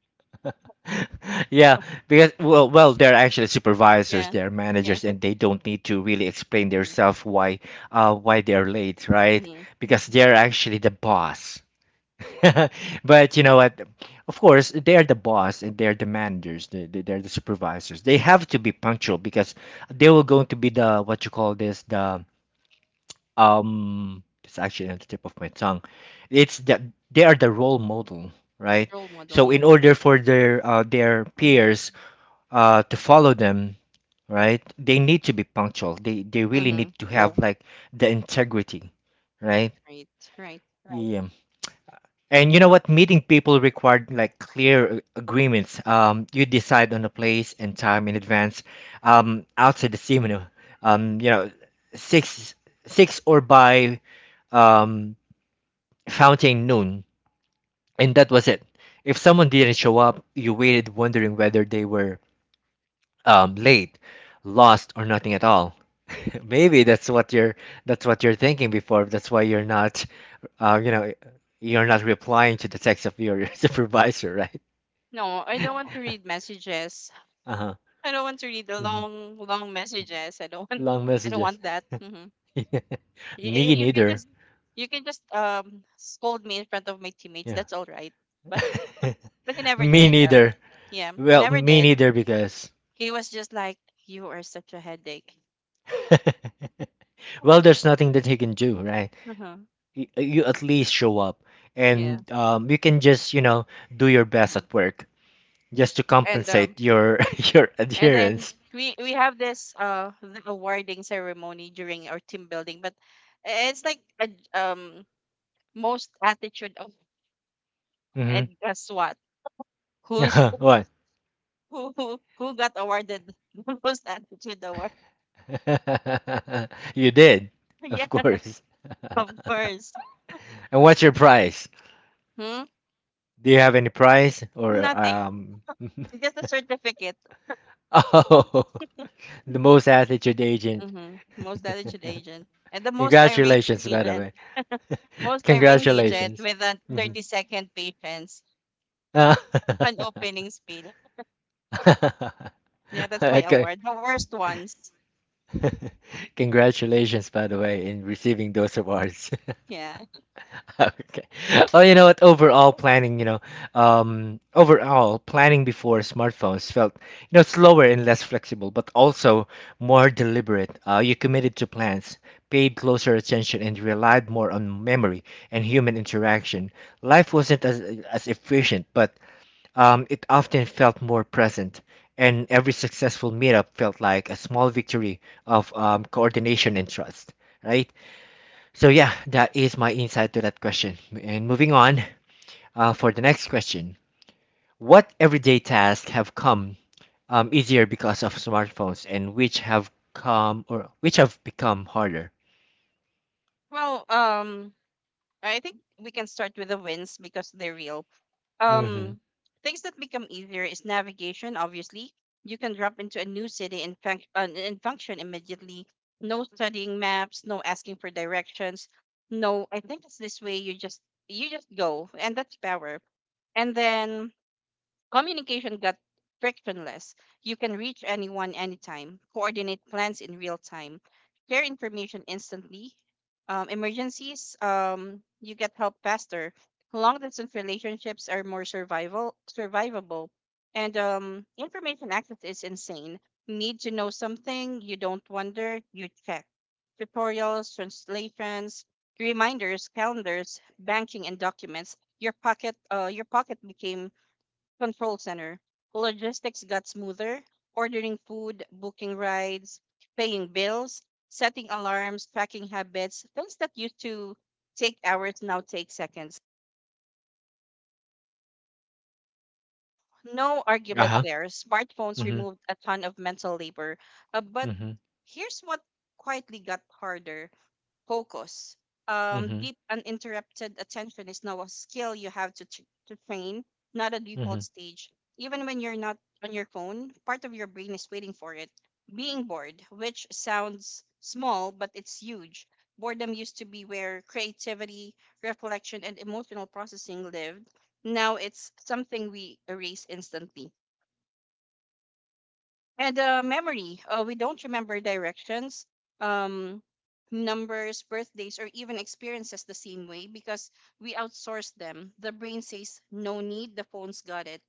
Yeah, because well, well, they're actually supervisors,
Yeah.
they're
Yeah.
managers, and they don't need to really explain
Mhm.
themselves why, uh, why they're late, right?
Mhm.
Because they're actually the boss. But you know what? Of course, they're the boss and they're the managers. They, they, they're the supervisors. They have to be punctual because they were going to be the what you call this the um. It's actually on the tip of my tongue. It's the they are the role model, right?
Role model,
So in
yeah.
order for their uh, their
Mm-hmm.
peers uh, to follow them, right? They need to be punctual. They they really
Mm-hmm.
need to have Right. like the integrity, right?
Right, right.
Right. Yeah. And you know what? Meeting people required like clear a- agreements. Um, you decide on the place and time in advance. Um, outside the seminar, um, you know, six six or by um fountain noon, and that was it. If someone didn't show up, you waited wondering whether they were um, late, lost, or nothing at all. Maybe that's what you're that's what you're thinking before. That's why you're not, uh, you know, you're not replying to the text of your supervisor, right?
No, I don't want to read messages.
Uh-huh.
I don't want to read the
Hmm.
long, long messages. I don't want.
Long
I don't
messages.
want that. Mm-hmm. You,
Me
you can
neither.
just, you can just um scold me in front of my teammates.
Yeah.
That's all right. But but he never
Me
did. Uh,
neither.
yeah, he
Well,
never
me
did.
neither because
He was just like, "You are such a headache."
well, there's nothing that he can do, right?
Uh-huh.
You, you at least show up,
Yeah.
and um, you can just, you know, do your best
Mm-hmm.
at work, just to
And um,
compensate your your
And then
adherence.
we we have this uh the awarding ceremony during our team building, but i- it's like a, j- um most attitude of,
Hmm.
and guess what? Who's
What?
who who, who got awarded the most attitude award?
You did,
Yeah,
of course.
of course.
And what's your price?
Hmm?
Do you have any price or
Nothing.
um?
Just a certificate.
Oh, the most attitude agent.
Mm-hmm. Most attitude agent. And the most irate
Congratulations, by the
agent.
way.
Most irate agent
Congratulations.
with a 30
Mhm.
second patience,
Ah.
an opening spiel. Yeah, that's my
Okay.
award. The worst ones.
Congratulations, by the way, in receiving those awards.
Yeah.
Okay. Well, you know what? Overall planning, you know, um, overall planning before smartphones felt, you know, slower and less flexible, but also more deliberate. Uh, you committed to plans, paid closer attention, and relied more on memory and human interaction. Life wasn't as as efficient, but um, it often felt more present. And every successful meetup felt like a small victory of um, coordination and trust, right? So yeah, that is my insight to that question. And moving on uh, for the next question, what everyday tasks have come um, easier because of smartphones, and which have come or which have become harder?
Well, um, I think we can start with the wins because they're real.
Mm-hmm.
Um, Things that become easier is navigation, obviously. You can drop into a new city and func- uh, and function immediately. No studying maps, no asking for directions. No, I think it's this way. You just you just go, and that's power. And then communication got frictionless. You can reach anyone anytime, coordinate plans in real time, share information instantly. Um, emergencies, um, you get help faster. Long distance relationships are more survival survivable, and um, information access is insane. Need to know something, you don't wonder, you check. Tutorials, translations, reminders, calendars, banking, and documents. Your pocket, uh, your pocket became control center, logistics got smoother, ordering food, booking rides, paying bills, setting alarms, tracking habits, things that used to take hours now take seconds. No
Uh
argument
huh.
there. Smartphones
Mm-hmm.
removed a ton of mental labor. Uh, but
Mm-hmm.
here's what quietly got harder: focus. Um, deep uninterrupted attention is now a skill you have to, tr to train, not a
Mm-hmm.
default stage. Even when you're not on your phone, part of your brain is waiting for it. Being bored, which sounds small, but it's huge. Boredom used to be where creativity, reflection, and emotional processing lived. Now it's something we erase instantly. And uh, Memory. Uh, we don't remember directions, um, numbers, birthdays, or even experiences the same way because we outsource them. The brain says, no need, the phone's got it.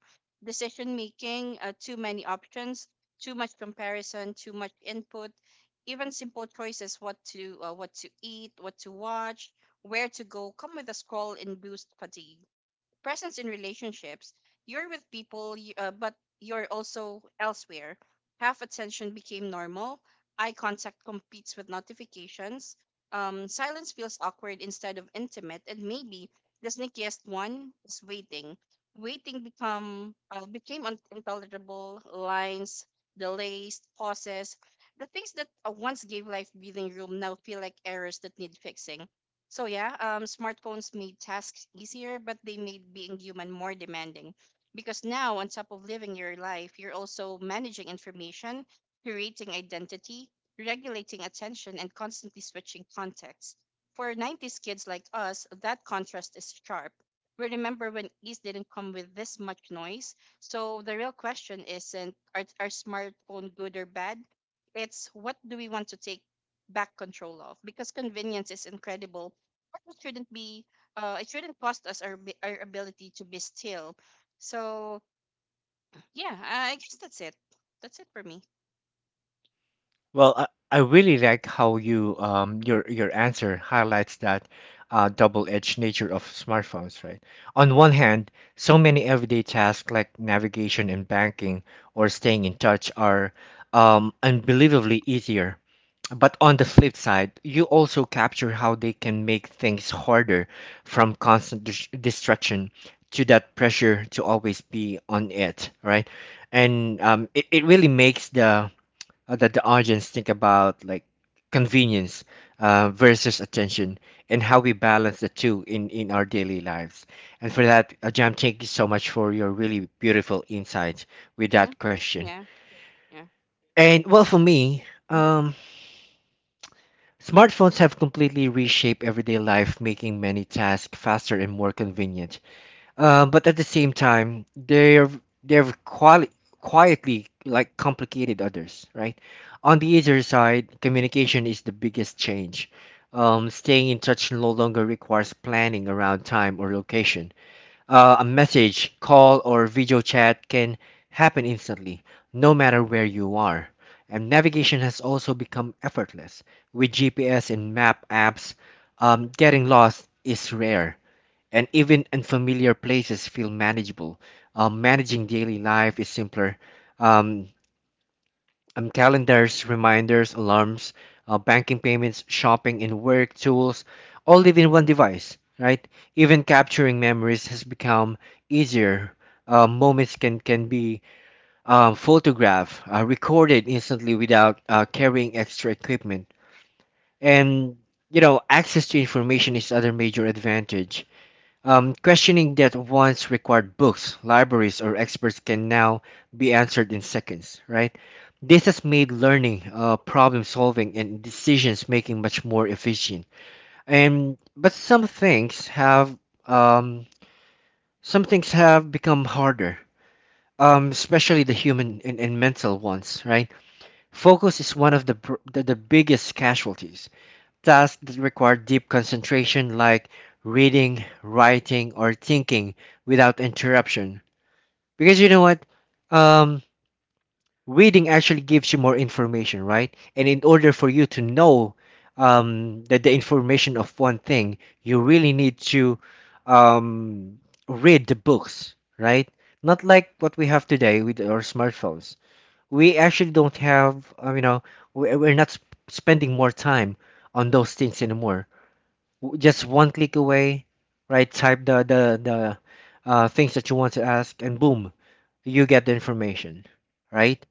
Decision making, uh, too many options, too much comparison, too much input. Even simple choices, what to uh, what to eat, what to watch, where to go, come with a scroll and boost fatigue, presence in relationships. You're with people, you, uh, but you're also elsewhere. Half attention became normal. Eye contact competes with notifications. Um, silence feels awkward instead of intimate, and maybe the sneakiest one is waiting. Waiting become uh, became un- intolerable. Lines, delays, pauses. The things that uh, once gave life breathing room now feel like errors that need fixing. So yeah, um, smartphones made tasks easier, but they made being human more demanding. Because now, on top of living your life, you're also managing information, curating identity, regulating attention, and constantly switching context. For nineties kids like us, that contrast is sharp. We remember when ease didn't come with this much noise. So the real question isn't are, are smartphone good or bad? It's what do we want to take back control of? Because convenience is incredible, it shouldn't be uh it shouldn't cost us our abi- our ability to be still. So yeah, i I guess that's it. That's it for me.
Well, I, I really like how you um your your answer highlights that uh, double-edged nature of smartphones, right? On one hand, so many everyday tasks like navigation and banking or staying in touch are um, unbelievably easier. But on the flip side, you also capture how they can make things harder from constant dis- distraction to that pressure to always be on it, right? And um, it, it really makes the uh, that the audience think about like convenience uh, versus attention and how we balance the two in, in our daily lives. And for that, uh, Jam, thank you so much for your really beautiful insights with
Hmm.
that question.
Yeah. Yeah.
And well, for me,
Hmm.
um, smartphones have completely reshaped everyday life, making many tasks faster and more convenient. Uh, but at the same time, they're they're quali- quietly like complicated others, right? On the easier side, communication is the biggest change. Um, staying in touch no longer requires planning around time or location. Uh, a message, call, or video chat can happen instantly, no matter where you are. And navigation has also become effortless. With G P S and map apps, um, getting lost is rare and even unfamiliar places feel manageable. Um, managing daily life is simpler. Um, um, calendars, reminders, alarms, uh, banking payments, shopping, and work tools all live in one device, right? Even capturing memories has become easier. Uh, moments can, can be um, photographed, uh, recorded instantly without uh, carrying extra equipment. And, you know, access to information is other major advantage, um, questioning that once required books, libraries, or experts can now be answered in seconds, right? This has made learning, uh, problem solving, and decisions making much more efficient. And but some things have um, some things have become harder, um, especially the human and, and mental ones, right? Focus is one of the, pr- the the biggest casualties. Tasks that require deep concentration, like reading, writing, or thinking without interruption. Because you know what? Um, Reading actually gives you more information, right? And in order for you to know um, that the information of one thing, you really need to um, read the books, right? Not like what we have today with our smartphones. We actually don't have, uh, you know, we- we're not sp- spending more time on those things anymore, w- just one click away, right? Type the the the uh, things that you want to ask, and boom, you get the information, right?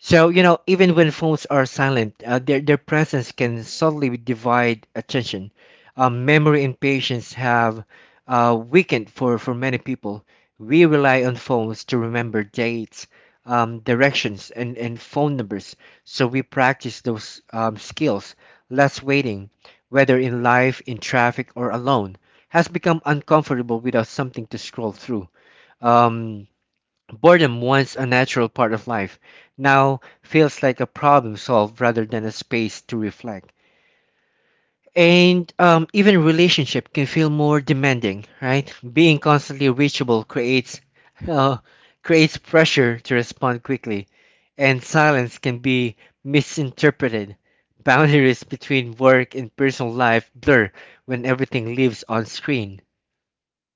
So, you know, even when phones are silent, uh, their, their presence can subtly divide attention. Um, memory and patience have uh, weakened for, for many people. We rely on phones to remember dates, um, directions, and, and phone numbers. So we practice those um, skills. Less waiting, whether in life, in traffic, or alone, has become uncomfortable without something to scroll through. Um, Boredom, once a natural part of life, now feels like a problem solved rather than a space to reflect. And um, even relationship can feel more demanding, right? Being constantly reachable creates uh, creates pressure to respond quickly, and silence can be misinterpreted. Boundaries between work and personal life blur when everything lives on screen,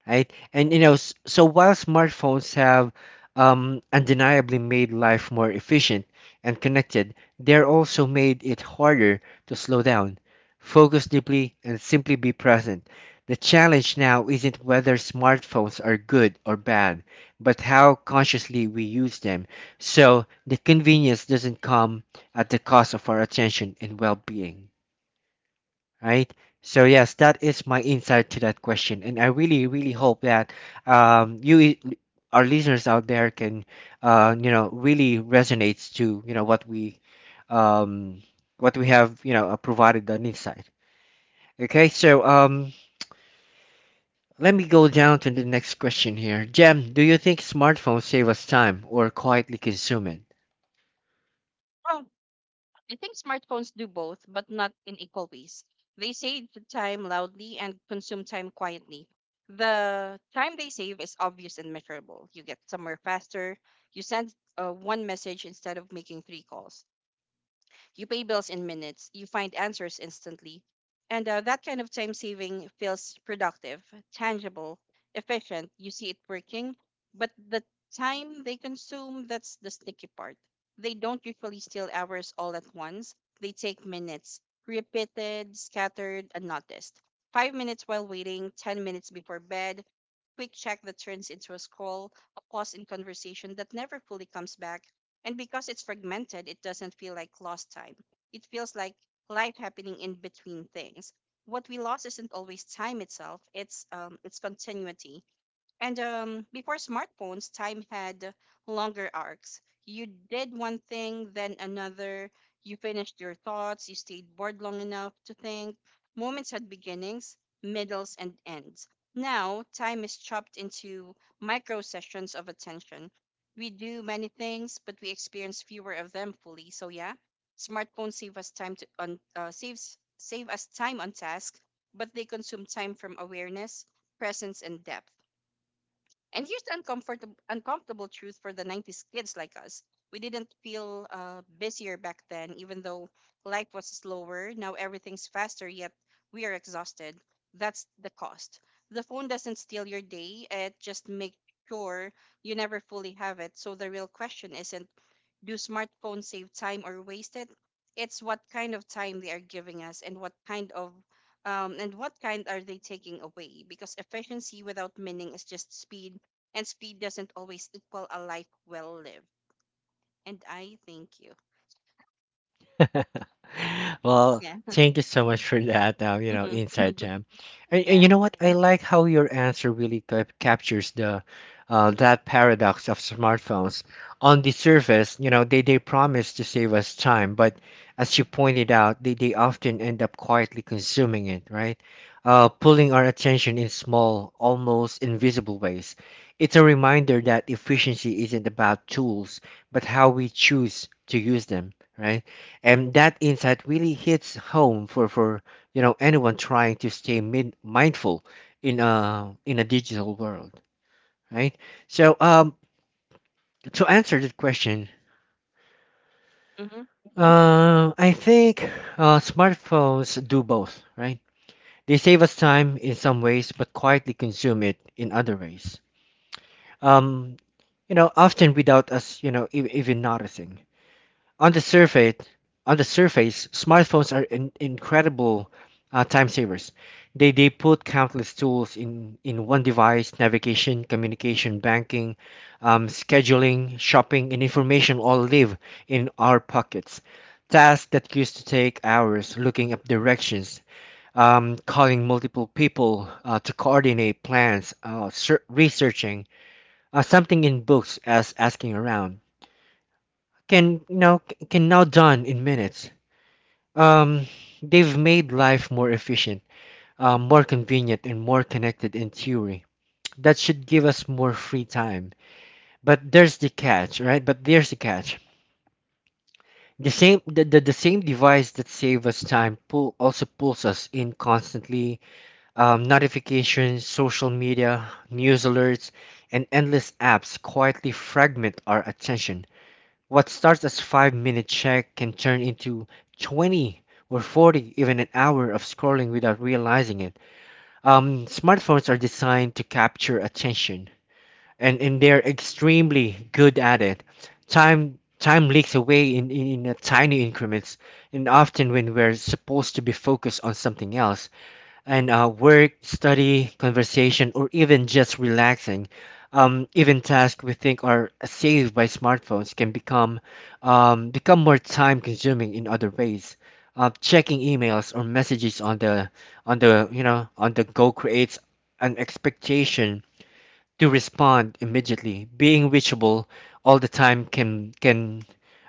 right? And you know, s- so while smartphones have um, undeniably made life more efficient and connected, they're also made it harder to slow down, focus deeply, and simply be present. The challenge now isn't whether smartphones are good or bad, but how consciously we use them. So the convenience doesn't come at the cost of our attention and well being, right? So yes, that is my insight to that question, and I really, really hope that um, you, i- our listeners out there, can uh, you know, really resonates to you know what we, um, what we have, you know, uh, provided an insight. Okay, so um, let me go down to the next question here. Jem, do you think smartphones save us time or quietly consume it?
Well, I think smartphones do both but not in equal ways. They save the time loudly and consume time quietly. The time they save is obvious and measurable. You get somewhere faster, you send uh, one message instead of making three calls. You pay bills in minutes, you find answers instantly. And uh, That kind of time saving feels productive, tangible, efficient. You see it working. But the time they consume, that's the sneaky part. They don't usually steal hours all at once, they take minutes, repeated, scattered, unnoticed. Five minutes while waiting, ten minutes before bed, quick check that turns into a scroll, a pause in conversation that never fully comes back, and because it's fragmented, it doesn't feel like lost time. It feels like life happening in between things. What we lost isn't always time itself, it's um, it's continuity. And um, Before smartphones, time had longer arcs. You did one thing, then another. You finished your thoughts. You stayed bored long enough to think. Moments had beginnings, middles, and ends. Now, time is chopped into micro sessions of attention. We do many things, but we experience fewer of them fully. So yeah, smartphones save us time to on uh, saves save us time on task, but they consume time from awareness, presence, and depth. And here's the uncomfortable, uncomfortable truth for the nineties kids like us. We didn't feel uh, busier back then, even though life was slower. Now everything's faster, yet we are exhausted. That's the cost. The phone doesn't steal your day, it just makes sure you never fully have it. So the real question isn't, do smartphones save time or waste it? It's what kind of time they are giving us, and what kind of um, and what kind are they taking away? Because efficiency without meaning is just speed, and speed doesn't always equal a life well lived. And I thank you.
Well,
Yeah.
thank you so much for that. Uh, you know,
Mm-hmm.
inside jam, and, and
Yeah.
you know what? I like how your answer really cap captures the uh, that paradox of smartphones. On the surface, you know, they they promise to save us time, but as you pointed out, they they often end up quietly consuming it, right? Uh, pulling our attention in small, almost invisible ways. It's a reminder that efficiency isn't about tools, but how we choose to use them, right? And that insight really hits home for for you know anyone trying to stay min- mindful in a in a digital world, right? So um to answer that question,
Mm-hmm.
uh, I think uh, smartphones do both, right? They save us time in some ways, but quietly consume it in other ways, um you know often without us you know e- even noticing. On the surface, on the surface, smartphones are in, incredible uh, time savers. They they put countless tools in in one device: navigation, communication, banking, um, scheduling, shopping, and information all live in our pockets. Tasks that used to take hours — looking up directions, um, calling multiple people uh, to coordinate plans, uh, ser- researching uh, something in books as asking around — can you know c- can now done in minutes. um, they've made life more efficient, uh, more convenient, and more connected in theory. That should give us more free time. But there's the catch, right? But there's the catch. The same the, the, the same device that save us time pull also pulls us in constantly. Um, notifications, social media, news alerts, and endless apps quietly fragment our attention. What starts as five minute check can turn into twenty or forty, even an hour of scrolling without realizing it. Um, smartphones are designed to capture attention, and, and they're extremely good at it. Time time leaks away in, in, in a tiny increments, and often when we're supposed to be focused on something else, and uh, work, study, conversation, or even just relaxing. Um, even tasks we think are saved by smartphones can become um, become more time consuming in other ways. Uh, checking emails or messages on the on the you know on the go creates an expectation to respond immediately. Being reachable all the time can can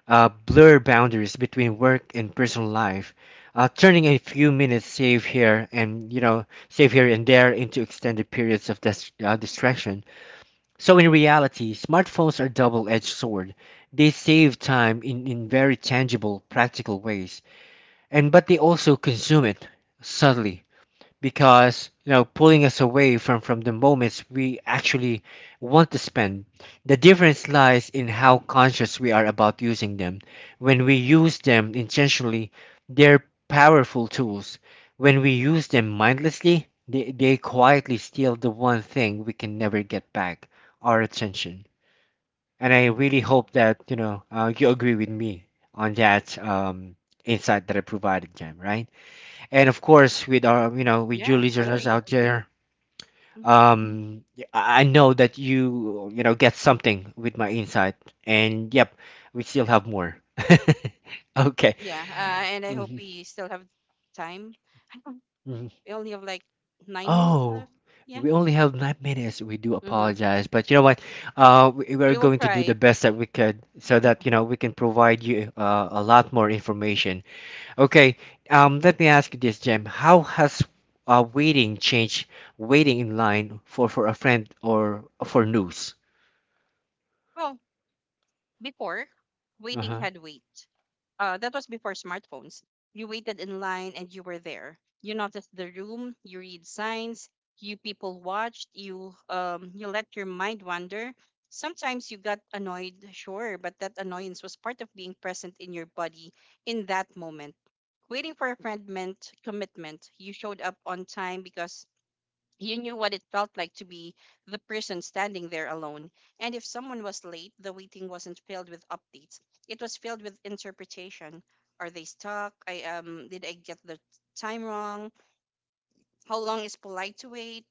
uh, blur boundaries between work and personal life, uh, turning a few minutes save here and you know save here and there into extended periods of dis- uh, distraction. So in reality, smartphones are double-edged sword. They save time in, in very tangible, practical ways, and but they also consume it subtly, because you know pulling us away from from the moments we actually want to spend. The difference lies in how conscious we are about using them. When we use them intentionally, they're powerful tools. When we use them mindlessly, they, they quietly steal the one thing we can never get back — our attention. And i really hope that you know uh, you agree with me on that um, insight that I provided, Jam, right? And of course, with our you know with you
Yeah.
listeners
Agree.
out there.
Hmm
um I I know that you you know get something with my insight. And yep, we still have more. Okay.
Yeah. Uh, and I hope
Mhm,
we still have time. I don't-
mhm.
we only have like nine minutes
Oh,
left. Yeah.
we only have nine minutes. We do
Mm-hmm.
apologize, but you know what, uh we- we're
We will
going to do the
try.
best that we could so that you know we can provide you uh, a lot more information. Okay, um, let me ask you this, Jem. How has uh, waiting changed, waiting in line for, for a friend or for news?
Well, before, waiting
Uh-huh.
had wait. Uh, that was before smartphones. You waited in line and you were there. You noticed the room. You read signs. You people watched. You um you let your mind wander. Sometimes you got annoyed, sure, but that annoyance was part of being present in your body in that moment. Waiting for a friend meant commitment. You showed up on time because you knew what it felt like to be the person standing there alone. And if someone was late, the waiting wasn't filled with updates. It was filled with interpretation. Are they stuck? I um did I get the time wrong? How long is polite to wait?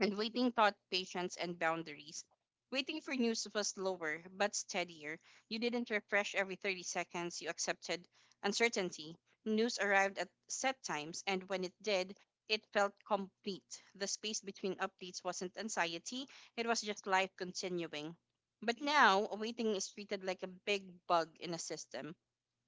And waiting taught patience and boundaries. Waiting for news was slower but steadier. You didn't refresh every thirty seconds, you accepted uncertainty. News arrived at set times, and when it did, it felt complete. The space between updates wasn't anxiety, it was just life continuing. But now, waiting is treated like a big bug in a system.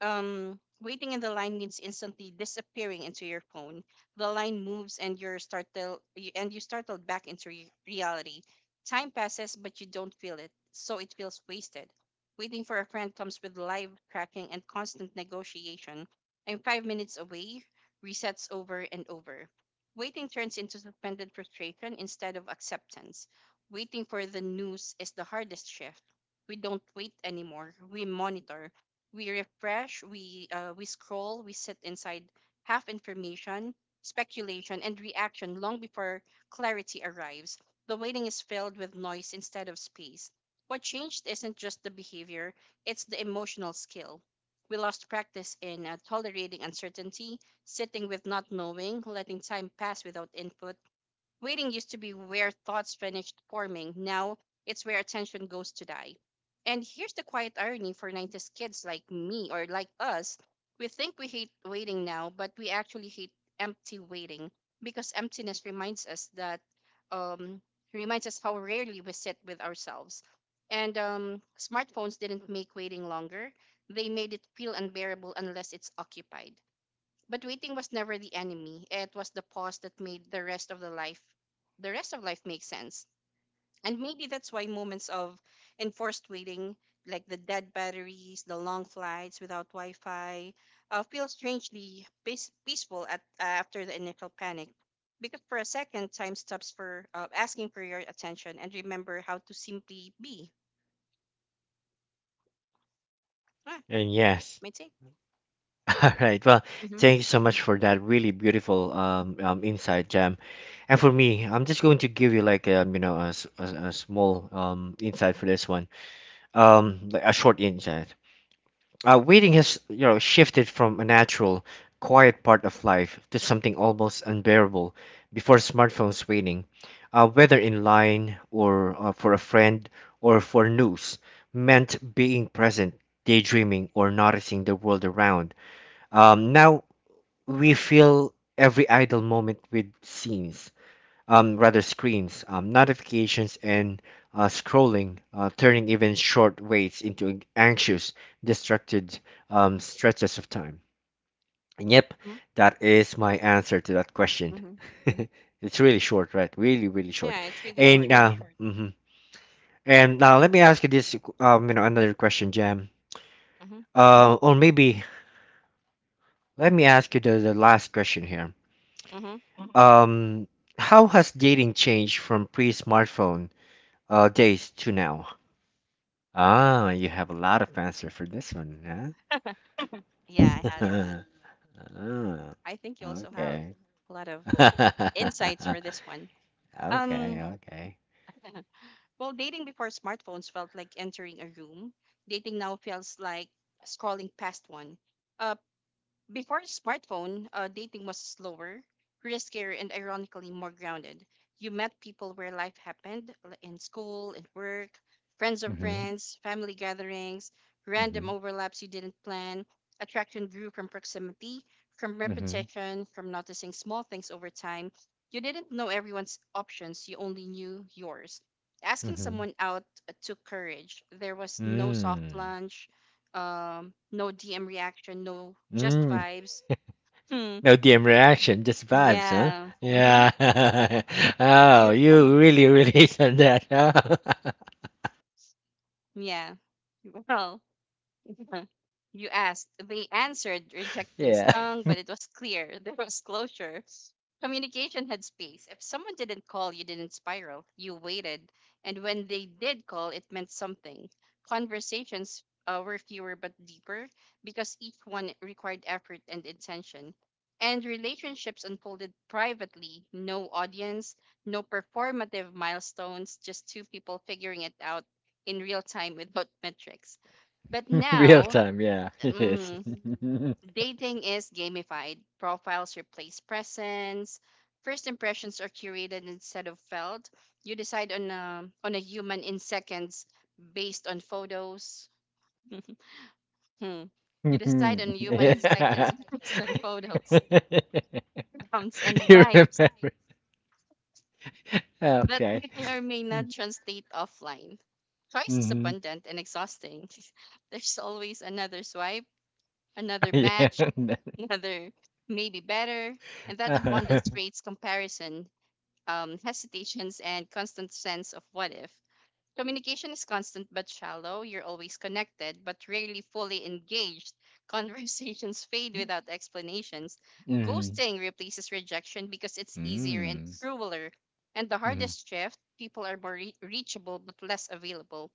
um, Waiting in the line means instantly disappearing into your phone. The line moves, and you're startled, you, and you startled back into re- reality. Time passes, but you don't feel it, so it feels wasted. Waiting for a friend comes with live tracking and constant negotiation. I'm five minutes away. Resets over and over. Waiting turns into suspended frustration instead of acceptance. Waiting for the news is the hardest shift. We don't wait anymore. We monitor, we refresh, we uh, we scroll, we sit inside half information, speculation, and reaction long before clarity arrives. The waiting is filled with noise instead of space. What changed isn't just the behavior, it's the emotional skill. We lost practice in uh, tolerating uncertainty, sitting with not knowing, letting time pass without input. Waiting used to be where thoughts finished forming. Now it's where attention goes to die. And here's the quiet irony for nineties kids like me or like us. We think we hate waiting now, but we actually hate empty waiting because emptiness reminds us that, um, reminds us how rarely we sit with ourselves. And um, smartphones didn't make waiting longer, they made it feel unbearable unless it's occupied. But waiting was never the enemy. It was the pause that made the rest of the life the rest of life make sense. And maybe that's why moments of enforced waiting, like the dead batteries, the long flights without Wi-Fi, uh, feel strangely peace- peaceful at, after the initial panic. Because for a second, time stops for uh, asking for your attention and remember how to simply be. Ah,
And yes.
that's my take.
All right. Well,
Mm-hmm.
thank you so much for that really beautiful um, um insight, Jam. And for me, I'm just going to give you, like, um, you know a, s- a- a small um insight for this one. Um, like a short insight. Uh, waiting has, you know, shifted from a natural, quiet part of life to something almost unbearable. Before smartphones, waiting, uh, whether in line or uh, for a friend or for news, meant being present, daydreaming, or noticing the world around. Um, now we fill every idle moment with scenes um, rather screens, um, notifications, and uh, scrolling, uh, turning even short waits into anxious, distracted, um, stretches of time. And yep,
Mm-hmm.
that is my answer to that question.
hmm
It's really short, right? Really, really short.
Yeah, it's really
And
short.
now, hmm and now let me ask you this, um, you know, another question, Jam.
Mm-hmm.
Uh, or maybe let me ask you the, the last question here.
Mm-hmm.
Um, how has dating changed from pre-smartphone uh, days to now? Ah, you have a lot of answer for this one,
Yeah, I had a lot.
huh? Ah,
I think you also have
okay.
a lot of insights for this one.
Okay,
Um,
okay.
well, dating before smartphones felt like entering a room. Dating now feels like scrolling past one. Uh, Before smartphone, uh, dating was slower, riskier, and ironically more grounded. You met people where life happened l- in school, in work, friends of
Mhm,
friends, family gatherings, random
mhm,
overlaps you didn't plan. Attraction grew from proximity, from
mhm,
repetition, from noticing small things over time. You didn't know everyone's options, you only knew yours. Asking
mhm.
someone out uh, took courage. There was no soft
Mm,
lunch, um, no D M reaction, no just
mm.
vibes. Hmm.
No D M reaction, just vibes, huh?
Yeah. Mm-hmm.
Yeah. Oh,
You.
you really relate on that, huh?
Yeah. Well, mhm. You asked. They answered. Rejection
Yeah.
stung, but it was clear. There was closure. Communication had space. If someone didn't call, you didn't spiral. You waited. And when they did call, it meant something. Conversations uh, were fewer but deeper because each one required effort and intention. And relationships unfolded privately. No audience, no performative milestones, just two people figuring it out in real time without metrics. But
Real
now,
time, yeah. It is.
mhm, dating is gamified. Profiles replace presence. First impressions are curated instead of felt. You decide on a, on a human in seconds based on photos. Hmm. You decide on
Mhm.
human in
Yeah.
seconds based on photos, prompts, and
You
vibes
remember.
that
Okay.
may or may not translate offline. Choice is
Mhm.
abundant and exhausting. There's always another swipe, another
Yeah.
match, another may be better, and that
Uh-huh.
abundance creates comparison, um, hesitations, and constant sense of what if. Communication is constant but shallow. You're always connected but rarely fully engaged. Conversations fade without explanations.
Mhm.
Ghosting replaces rejection because it's easier and
Mm.
crueler. And the
Mhm.
hardest shift, people are more re- reachable but less available.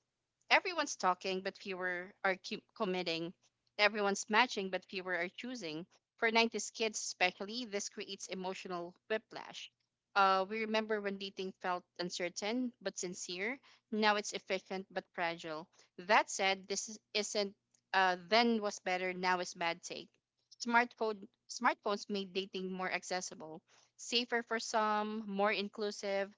Everyone's talking, but fewer are cu- committing. Everyone's matching, but fewer are choosing. For nineties kids, especially, this creates emotional whiplash. Uh, we remember when dating felt uncertain but sincere. Now it's efficient but fragile. That said, this is- isn't uh, then was better, now is bad take. Smartphone, smartphones made dating more accessible, safer for some, more inclusive,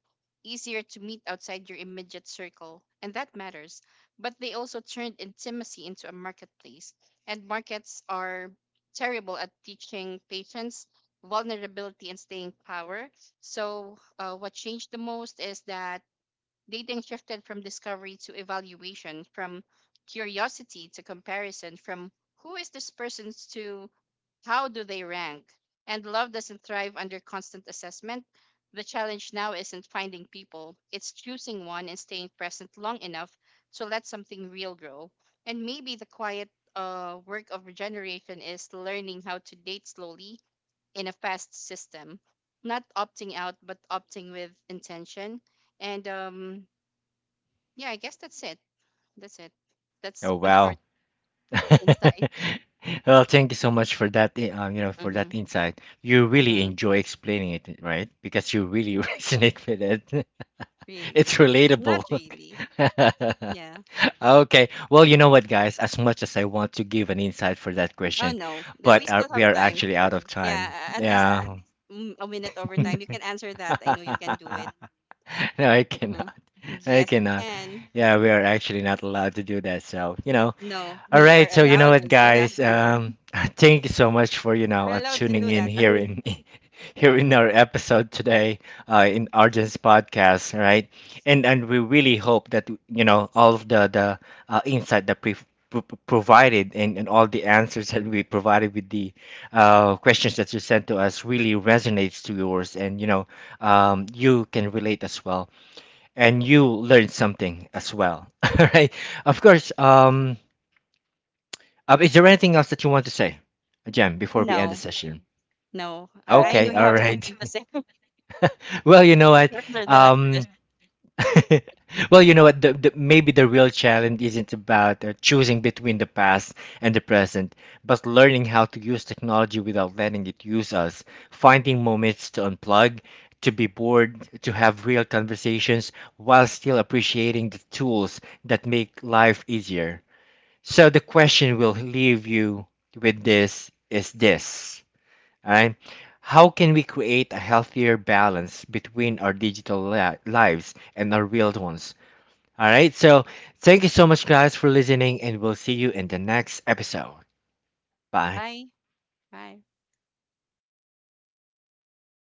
easier to meet outside your immediate circle, and that matters, but they also turned intimacy into a marketplace. And markets are terrible at teaching patients, vulnerability, and staying power. So, uh, what changed the most is that dating shifted from discovery to evaluation, from curiosity to comparison, from who is this person to how do they rank? And love doesn't thrive under constant assessment. The challenge now isn't finding people, it's choosing one and staying present long enough to let something real grow. And maybe the quiet uh, work of regeneration is learning how to date slowly in a fast system, not opting out, but opting with intention. And um, yeah, I guess that's it. That's it. That's
Oh,
my
wow.
short insight.
Well, thank you so much for that, i- um, you know, for
Mm-hmm.
that insight. You really
Mm-hmm.
enjoy explaining it, right? Because you really resonate with it. It's
Really? Not
relatable.
really. Yeah.
Okay. Well, you know what, guys? As much as I want to give an insight for that
Oh
question,
no, Th- we
but uh
still
we
have
are
time.
actually out of time.
Yeah, a- at least mm, a minute over time. You can answer that. I know you can do it.
No, I
Hmm
cannot. I
Yes, you
cannot.
can.
Yeah, we are actually not allowed to do that. So, you know.
No,
All
we
right.
are
So, you know
allowed
what,
to do that.
guys? Um, thank you so much for, you know,
We're
uh,
allowed to
tuning
do
in
that.
here in here in our episode today, uh, in Arjun's podcast, all right? And and we really hope that you know all of the the uh, insight that we've pro- pro- provided, and, and all the answers that we provided with the uh, questions that you sent to us really resonates to yours, and you know um, you can relate as well and you learned something as well. All right. Of course. Um, uh, is there anything else that you want to say, Jem, before we end the
No,
session?
no. I, I know
Okay.
you
All
have
right.
something to say
Well, you know what?
after the last
Um,
question.
well, you know what? The, the, maybe the real challenge isn't about uh, choosing between the past and the present, but learning how to use technology without letting it use us, finding moments to unplug, to be bored, to have real conversations while still appreciating the tools that make life easier. So, the question we'll leave you with this is this, right? How can we create a healthier balance between our digital li- lives and our real ones? All right, so thank you so much, guys, for listening, and we'll see you in the next episode. Bye.
Hi, hi.